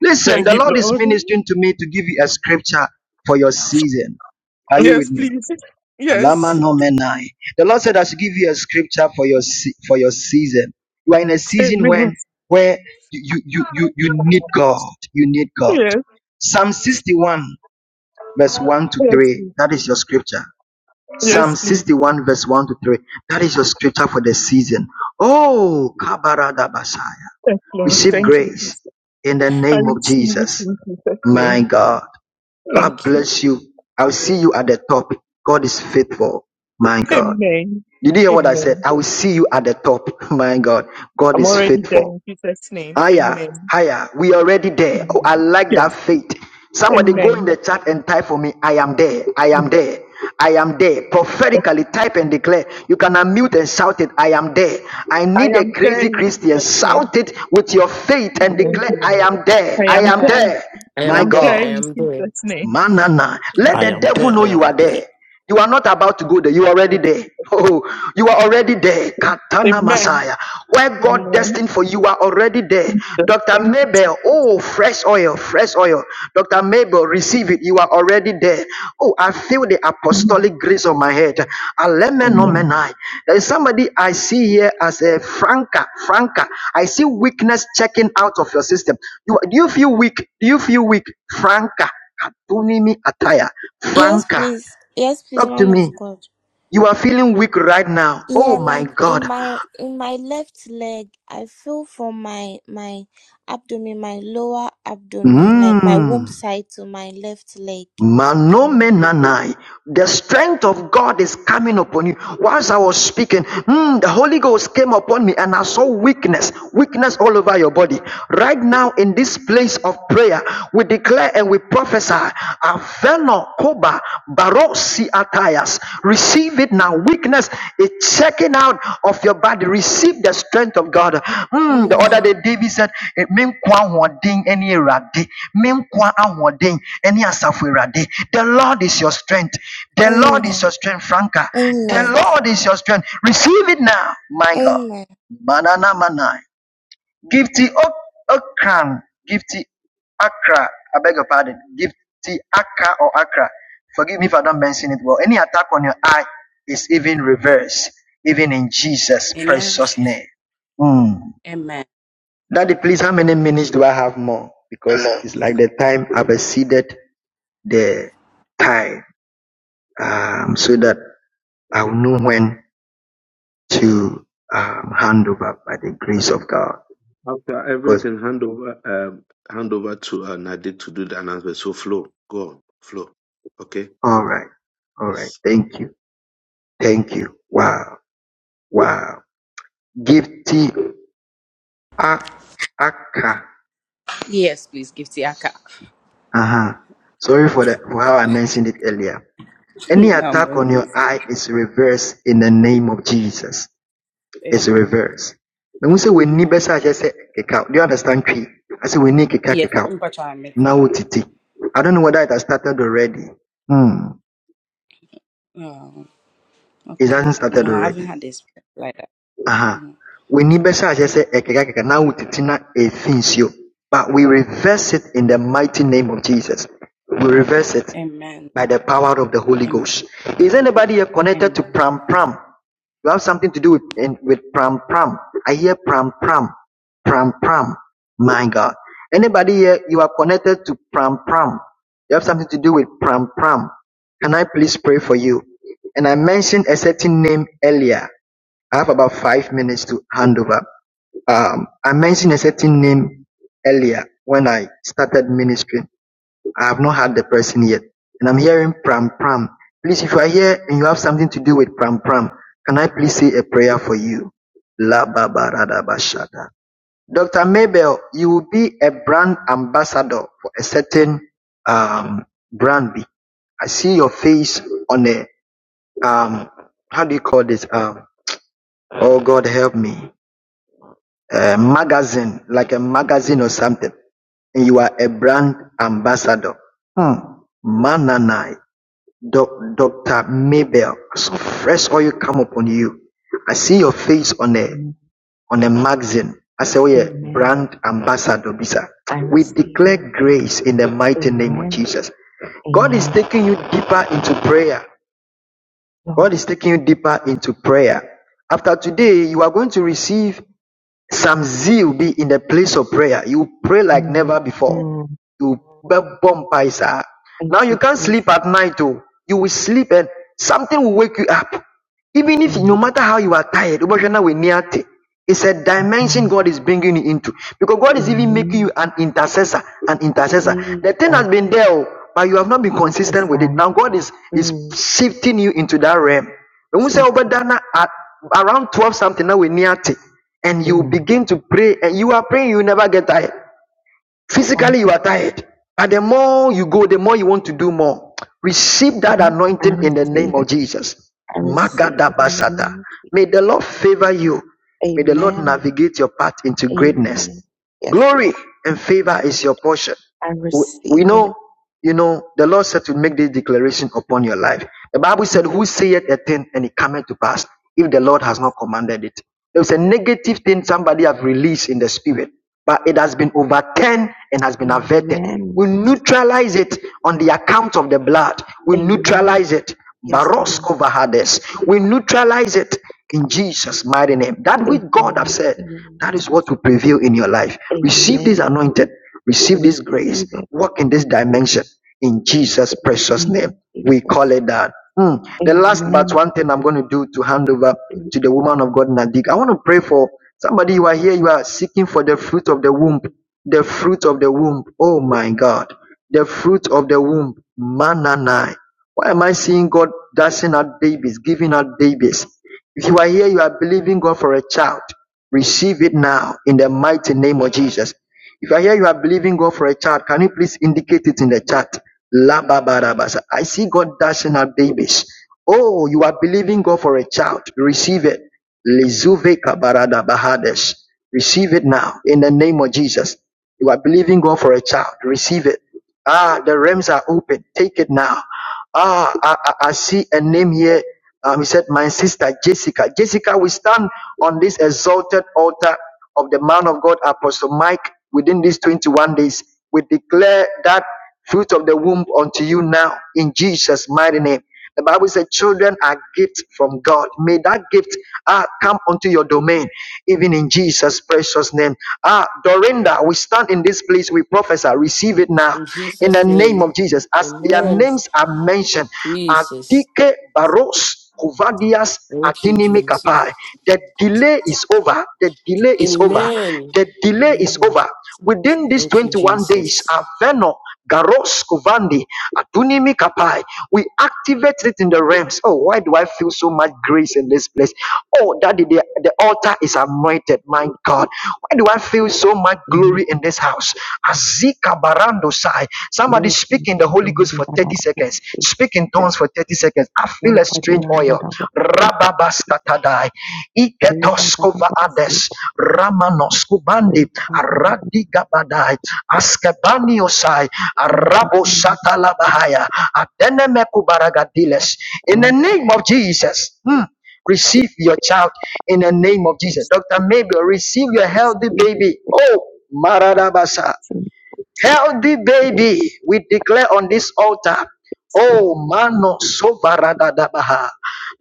Listen,
Thank
the
you,
Lord is
Lord.
ministering to me to give you a scripture for your season. Are you
Yes,
with me?
please.
Alama
Yes.
nomenai. The Lord said I should give you a scripture for your se- for your season. You are in a season
Amen.
when where you you you you need God. You need God.
Yes.
Psalm 61 verse 1 to
Yes,
3.
please.
That is your scripture. Psalm
Yes, please.
61 verse 1 to 3. That is your scripture for the season. Oh, kabaradabasai.
Yes, Lord.
Receive
Thank you,
grace
Jesus.
in the
I
name of
receive it
Jesus.
in Jesus'
My
name.
God. God
Thank you.
bless you. I'll see you at the top. God is faithful. My God.
Amen.
Did you hear what I said?
Amen.
I will see you at the top. My God. God
I'm
is
already there
faithful.
in Jesus' name.
Higher,
Amen.
higher. We already there. Oh,
Amen.
I like
Yes.
that faith. Somebody go in
Amen.
the chat and type for me. I am there. I am there. I am there. Prophetically type and declare. You can unmute and shout it. I am there. I
I
need a
am there
crazy
in
Christian.
Jesus' name.
Shout it with your faith and
Amen.
declare.
Amen.
I am there.
I
I
am
I
am
am
there.
there.
there.
I
I
My
am
am
there.
there
God.
I
in
am there.
Jesus' name.
Manana.
In the
Let
I
name
the
of
am
devil
there.
know
I
Jesus.
you are
am
there.
there.
You are not about to go there. You are already there. Oh, you are already there. Katana
Amen.
Messiah. Where God
Amen.
destined for you are already there. Dr.
Thank you, Jesus.
Mabel. Oh, fresh oil, fresh oil. Dr. Mabel, receive it. You are already there. Oh, I feel the
Amen.
apostolic grace on my head.
Amen.
Amen.
Alemenomenai. There is somebody I see here as a Franca. Franca. I see weakness checking out of your system. You, do you feel weak? Do you feel weak? Franca. Katunimi ataya,
Yes,
Franca,
please. Yes, please,
talk to
man of
me.
God.
You are feeling weak right now. Oh
Yeah,
my
like in
God.
my in my left leg, I feel from my my abdomen, my lower abdomen, like my womb
Mm.
side to my left leg. So,
Manomenanai. The strength of God is coming upon you. Whilst I was speaking, mm, the Holy Ghost came upon me and I saw weakness, weakness all over your body. Right now, in this place of prayer, we declare and we prophesy, Aveno Koba Barosi Atayas. Receive receive it now. Weakness is checking out of your body. Receive the strength of God. Mm, the other
Amen.
day, David said, eh, "Menkwa ahoɔden ne Awurade. Menkwa ahoɔden ne Asafo Awurade. The Lord is your strength. The Lord is
Amen.
your strength, Franca. The
Amen.
Lord is your strength. Receive it now, my God.
Amen.
Manana manai. Gifty Okran, Gifty Accra, I beg your pardon, Gifty Accra or Accra. Forgive me if I don't mention it well. Any attack on your eye is even reversed, even in Jesus'
Amen.
precious name. Mm.
Amen.
Daddy, please, how many minutes do I have more? Because
Amen.
it's like the time I've exceeded the time, um, so that I will know when to um, hand over by the grace of God.
After everything, hand over, um, hand over to uh, Nade to do the announcement. So, Flo, go on, Flo. Okay.
All right, all right.
Yes.
Thank you. Thank you. Wow. Wow. Gifty Ak- Akka.
Yes, please, Gifty Aka.
Uh-huh. Sorry for that for how I mentioned it earlier. Any
I'm
attack on
okay.
your eye is reversed in the name of Jesus. It's
Amen.
reversed. When we say we need
Amen.
better, I just say kekau. Do you understand tree? I say we need keka
Yes,
kekau.
but I admit it.
Now titi. I don't know whether it has started already. Hmm.
Oh,
It
okay.
hasn't started
No, I haven't
already.
had this like that.
Uh-huh.
Mhm.
We nibɛsa ahyɛ sɛ ɛkeka keka na wotete na ɛfi nsuo. But we reverse it in the mighty name of Jesus. We reverse it
Amen.
by the power of the Holy
Amen.
Ghost. Is anybody here connected to
Amen.
Pram Pram? You have something to do with in, with Pram Pram. I hear Pram Pram. Pram Pram. My God. Anybody here, you are connected to Pram Pram. You have something to do with Pram Pram. Can I please pray for you? And I mentioned a certain name earlier. I have about five minutes to hand over. Um, I mentioned a certain name earlier when I started ministry. I have not had the person yet. And I'm hearing Pram Pram. Please, if you are here and you have something to do with Pram Pram, can I please say a prayer for you? La ba ba ra da ba sha da. Dr. Mabel, you will be a brand ambassador for a certain um, brand. I see your face on a, um, how do you call this? Um, oh, God, help me a magazine, like a magazine or something, and you are a brand ambassador. Hmm. Mananai, doc, Dr. Mabel, so fresh oil come upon you. I see your face on a,
Amen.
on a magazine. I say, oh yeah,
Amen.
brand ambassador, Bisa.
I
We
receive
declare
it.
grace in the mighty name of
Amen.
Jesus. God is
Amen.
taking you deeper into prayer.
Lord.
God is taking you deeper into prayer. After today,
Mm,
you are going to receive some zeal be in the place of prayer, you pray like
mm,
never before. You
mm.
bu- bump by,
Thank
Now you
you,
can't sleep
Jesus.
at night, oh. You will sleep and something will wake you up. Even if
Mm,
no matter how you are tired, Obashana will near it's a
thank
dimension
God.
God is bringing you into because God is even making you
Amen.
an intercessor, an intercessor. The thing has
Jesus.
been there, oh, but you have not been consistent with it.
Prophesy.
Now God is is
Mm,
shifting you into that realm. When we say
Jesus.
Obadana at around 12 something, now we near and you
Mm.
begin to pray, and you are praying, you never get tired.
God,
Physically, you are tired. And the more you go, the more you want to do more. Receive that
Lord, I
anointing in the
receive
name of
it.
Jesus.
I receive
Magada
it in the
Basata.
name of Jesus.
May the Lord favor you. May the Lord
Amen.
navigate your path into
Amen.
greatness.
Yes,
Glory
Lord.
and favor is your portion.
I
We
receive
we
it.
know, you know, the Lord said to make this declaration upon your life. The Bible
Mm,
said, Who saith a thing and it cometh to pass if the Lord has not
yes.
commanded it? There was a negative thing somebody have released in the spirit, but it has been overturned and has been averted.
Amen.
We
Je-
neutralize it on the account of the blood. We
Amen.
neutralize it.
Yes,
Baros
Lord.
over Hades. We
favor
neutralize it in Jesus' mighty name. That
In
which
the
God have
mighty
said,
name of
that is
Jesus.
what will prevail in your life. Receive this
Amen.
anointed.
I
Receive this
receive
grace.
it
Walk in this
in
dimension. In Jesus'
the
precious
name
name,
of
we call
Jesus.
it that. Hmm. The last but
Amen.
one thing I'm going to do to hand over
Receive
to the woman of God, Nadik. I want to pray for somebody you are here, you are seeking for the fruit of the womb. The fruit of the womb. Oh my God. The fruit of the womb. Mananai. Why am I seeing God dashing out babies, giving out babies? If you are here, you are believing God for a child. Receive it now in the mighty name of Jesus. If I hear you are believing God for a child. Can you please indicate it in the chat? Lababarabasa. I see God dashing at babies. Oh, you are believing God for a child. Receive it. Lizuve kabarada bahades. Receive it now in the name of Jesus. You are believing God for a child. Receive it. Ah, the realms are open. Take it now. Ah, I, I, I see a name here. Um, he said, My sister Jessica. Jessica, we stand on this exalted altar of the man of God, Apostle Mike, within these 21 days. We declare that fruit of the womb unto you now in Jesus' mighty name. The Bible said, Children are gifts from God. May that gift ah, come unto your domain, even in Jesus' precious name. Ah, Dorinda, we stand in this place, we prophesy, receive it now
In
in the
Jesus'
name
name.
of Jesus. As their
Amen.
names are mentioned,
Jesus.
Adike Baros. Kuvadias
Thank you,
Atinimi
Jesus.
Kapai. The delay is over. The delay is over.
Amen.
The delay is
Amen.
over. Within these
Thank you,
21 days,
Jesus.
Aveno, Garos, Kovandi, Atunimi Kapai, we activate it in the realms. Oh, why do I feel so much grace in this place? Oh, Daddy, the, the altar is anointed. My God, why do I feel so much
it
glory in this house? Azika Barando Sai.
in
Somebody
the
speak in the Holy Ghost for
grace,
for 30 seconds. Speak in tongues for 30 seconds. I feel a strange oil. Rababaskatadai. Iketoskova ades. Ramanos kubandi. Aradigabadai. Askebaniosai. Arabo satalabahaya. Adenemekubaragadiles. In the
Lord.
name of Jesus. Hmm. Receive your child in the name of Jesus. Dr. Mabel, receive your healthy baby. Oh, Maradabasa. Healthy baby, we declare on this altar. Oh, mano sovaradadabaha.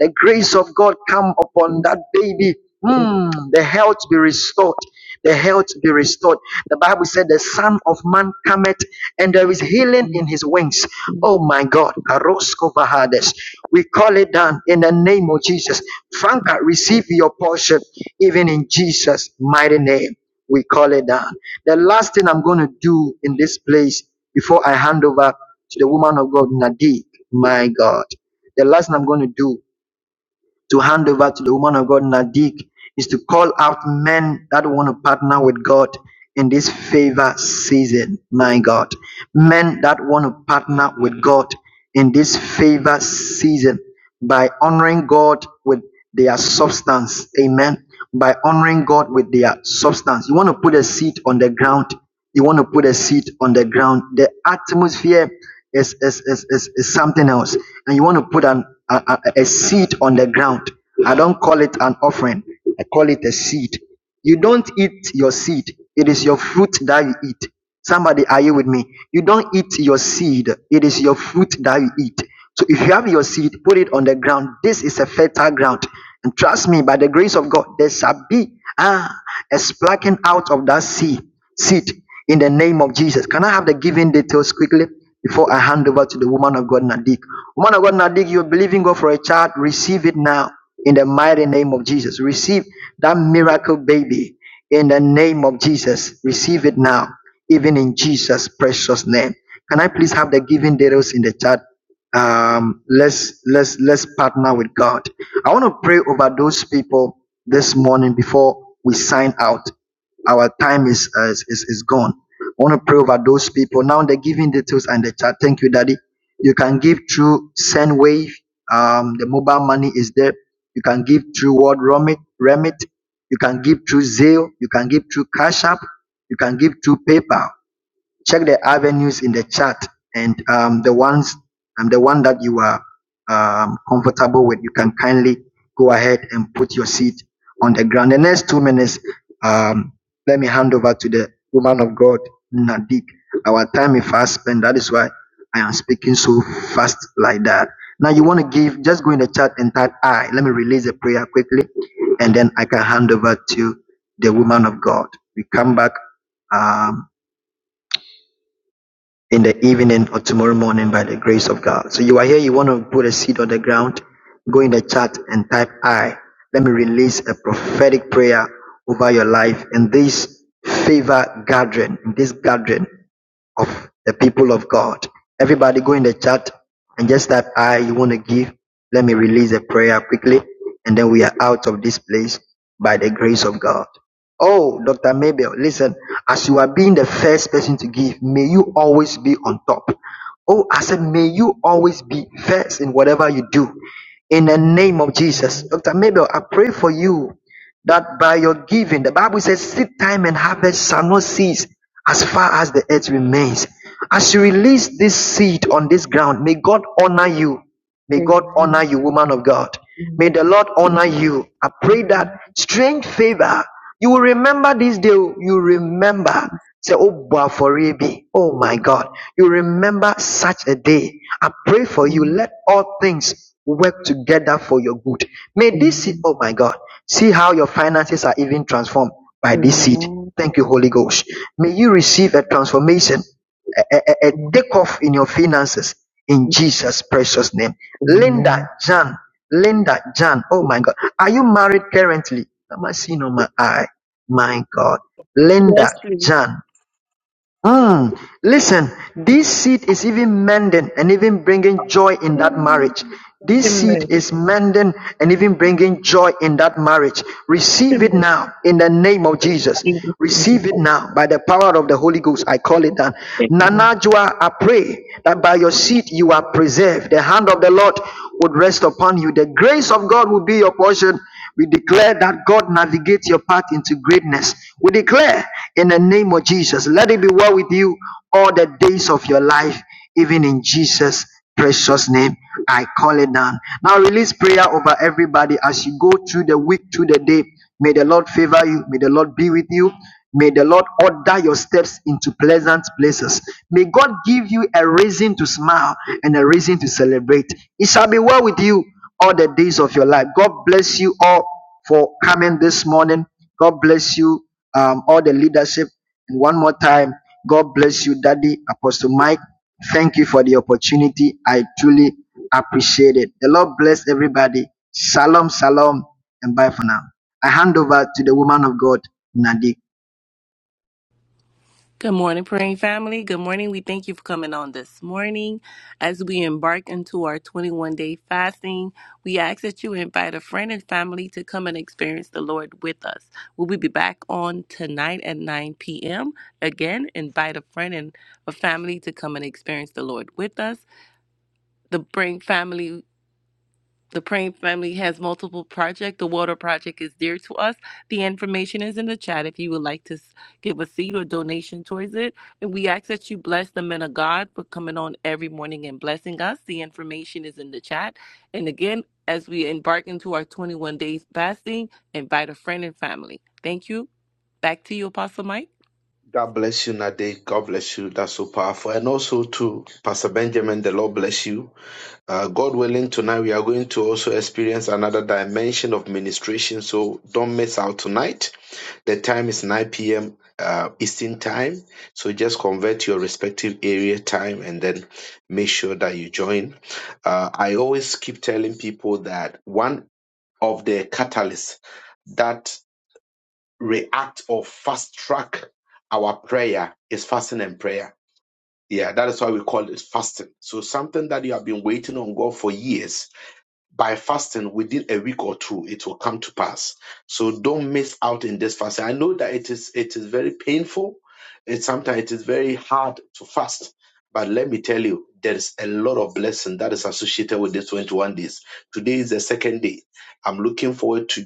The grace of God come upon
Please,
that baby. Hmm, the health be restored. The health be restored. The Bible said, The Son of Man cometh, and there is healing in
grace.
his wings. Oh my God. Karosko Vahades. We call it down in the name of Jesus. Franca, receive your portion, even in Jesus' mighty name. We call it down. The last thing I'm going to do in this place before I hand over to the woman of God, Nadik, my God, the last thing I'm going to do to hand over to the woman of God, Nadik, is to call out men that want to partner with God in this favor season, my God. Men that want to partner with God in this favor season by honoring God with their substance. Amen. By honoring God with their substance. You want to put a seed on the ground. You want to put a seed on the ground. The atmosphere is, is, is, is, is something else. And you want to put an, a, a, a seed on the ground. I don't call it an offering. I call it a seed. You don't eat your seed. It is your fruit that you eat. Somebody, are you with me? You don't eat your seed. It is your fruit that you eat. So if you have your seed, put it on the ground. This is a fertile ground. And trust me, by the grace of God, there shall be ah, a splacking out of that seed, seed in the name of Jesus. Can I have the giving details quickly before I hand over to the woman of God, Nadik? Woman of God, Nadik, you're believing God for a child. Receive it now in the mighty name of Jesus. Receive that miracle baby in the name of Jesus. Receive it now, even in Jesus' precious name. Can I please have the giving details in the chat? Um, let's let's let's partner with God. I want to pray over those people this morning before we sign out. Our time is uh, is, is is gone. I want to pray over those people. Now the giving details and the chat. Thank you, Daddy. You can give through Sendwave. Um, the mobile money is there you can give through word remit. remit. You can give through Zelle. You can give through Cash App. You can give through PayPal check the avenues in the chat and um, the ones um, the one that you are um, comfortable with you can kindly go ahead and put your seat on the ground the next two minutes um, let me hand over to the woman of god nadik our time is fast spent that is why i am speaking so fast like that now you want to give just go in the chat and type i let me release the prayer quickly and then i can hand over to the woman of god we come back Um, in the evening or tomorrow morning by the grace of God. So you are here, you want to put a seed on the ground, go in the chat and type I. Let me release a prophetic prayer over your life in this favor gathering, in this gathering of the people of God. Everybody go in the chat and just type I you want to give. Let me release a prayer quickly and then we are out of this place by the grace of God. Oh, Dr. Mabel, listen, as you are being the first person to give, may you always be on top. Oh, I said, may you always be first in whatever you do. In the
Amen.
name of Jesus.
Amen.
Dr. Mabel, I pray for you that by your giving, the Bible says, seed time and harvest shall not cease as far as the earth remains. As you release this seed on this ground, may God honor you. May God honor
Amen.
you, woman of God.
We
May the Lord
receive
honor
it
you. I
in
pray
the
that
name
strange favor you will remember this day. oh, You remember. Say, oh, Bwafori be. Oh my God. You remember such a day. I pray for you.
Amen.
Let all things work together for your good. May this seed,
Amen.
oh my God, see how your finances are even transformed by this seed.
Amen.
Thank you, Holy Ghost. May you receive a transformation a, a, a takeoff in your finances in Jesus' precious name. Linda
Amen.
Jan, Linda Jan, oh my God, are you married currently? Am I seeing on my eye? My God,
Yes,
Linda
please.
Jan, Mm, listen, this seed is even mending and even bringing joy in that
Amen.
marriage. This seed
Amen.
is mending and even bringing joy in that marriage. Receive it
Amen.
now in the name of Jesus. Receive it now by the power of the Holy Ghost. I call it that.
Amen.
Nanajua, I pray that by your seed you are preserved. The hand of the Lord would rest upon you. The grace of God will be your portion we declare that God navigates your path into greatness. We declare in the name of Jesus, let it be well with you all the days of your life, even in Jesus' precious name. I call it down. Now release prayer over everybody as you go through the week, through the day. May the Lord favor you. May the Lord be with you. May the Lord order your steps into pleasant places. May God give you a reason to smile and a reason to celebrate. It shall be well with you all the days of your life. God bless you all for coming this morning. God bless you, um, all the leadership. And one more time, God bless you, Daddy Apostle Mike. Thank you for the opportunity. I truly appreciate it. The Lord bless everybody. Shalom, shalom, and bye for now. I hand over to the woman of God, Nadine.
Good morning, praying family. Good morning. We thank you for coming on this morning. As we embark into our 21 day fasting, we ask that you invite a friend and family to come and experience the Lord with us. We'll be back on tonight at 9 p.m. Again, invite a friend and a family to come and experience the Lord with us. The Praying Family the Praying Family has multiple projects. The water project is dear to us. The information is in the chat if you would like to s- give a seed or donation towards it. And we ask that you bless the men of God for coming on every morning and blessing us. The information is in the chat. And again, as we embark into our 21 days fasting, invite a friend and family. Thank you. Back to you, Apostle Mike.
God bless you, Nade. God bless you. That's so powerful. And also to Pastor Benjamin, the Lord bless you. Uh, God willing, tonight we are going to also experience another dimension of ministration. So don't miss out tonight. The time is 9 p.m. Uh, Eastern time. So just convert your respective area time and then make sure that you join. Uh, I always keep telling people that one of the catalysts that react or fast track our prayer is fasting and prayer. Yeah, that is why we call it fasting. So something that you have been waiting on God for years by fasting within a week or two it will come to pass so don't miss out in this fasting i know that it is it is very painful it sometimes it is very hard to fast but let me tell you there is a lot of blessing that is associated with this 21 days today is the second day i'm looking forward to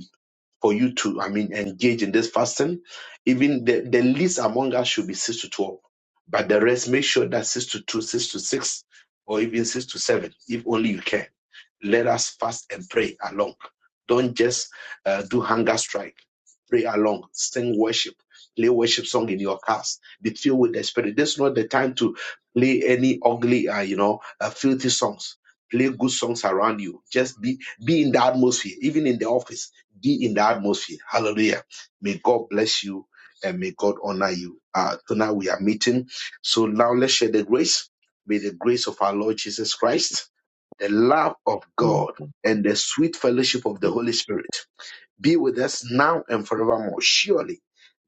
for you to, I mean, engage in this fasting. Even the, the least among us should be 6 to 12. But the rest, make sure that 6 to 2, 6 to 6, or even 6 to 7, if only you can. Let us fast and pray along. Don't just uh, do hunger strike. Pray along, sing worship, play worship song in your cars. Be filled with the Spirit. This is not the time to play any ugly, uh, you know, uh, filthy songs. Play good songs around you. Just be be in the atmosphere, even in the office be in the atmosphere. Hallelujah. May God bless you and may God honor you. Uh, tonight we are meeting. So now let's share the grace. May the grace of our Lord Jesus Christ, the love of
Love
God,
of
and the sweet fellowship of the Holy Spirit be with us now and forevermore. Surely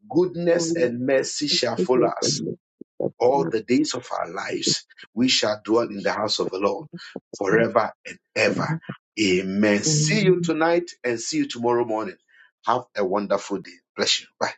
goodness
faithfulness,
and mercy shall follow
goodness,
us
and mercy, that
all
you
the days of our lives, we shall dwell in the house of the Lord
are
forever and ever.
blessed.
Amen. See you
Amen.
tonight and see you tomorrow morning. Have a wonderful day. Bless you. Bye.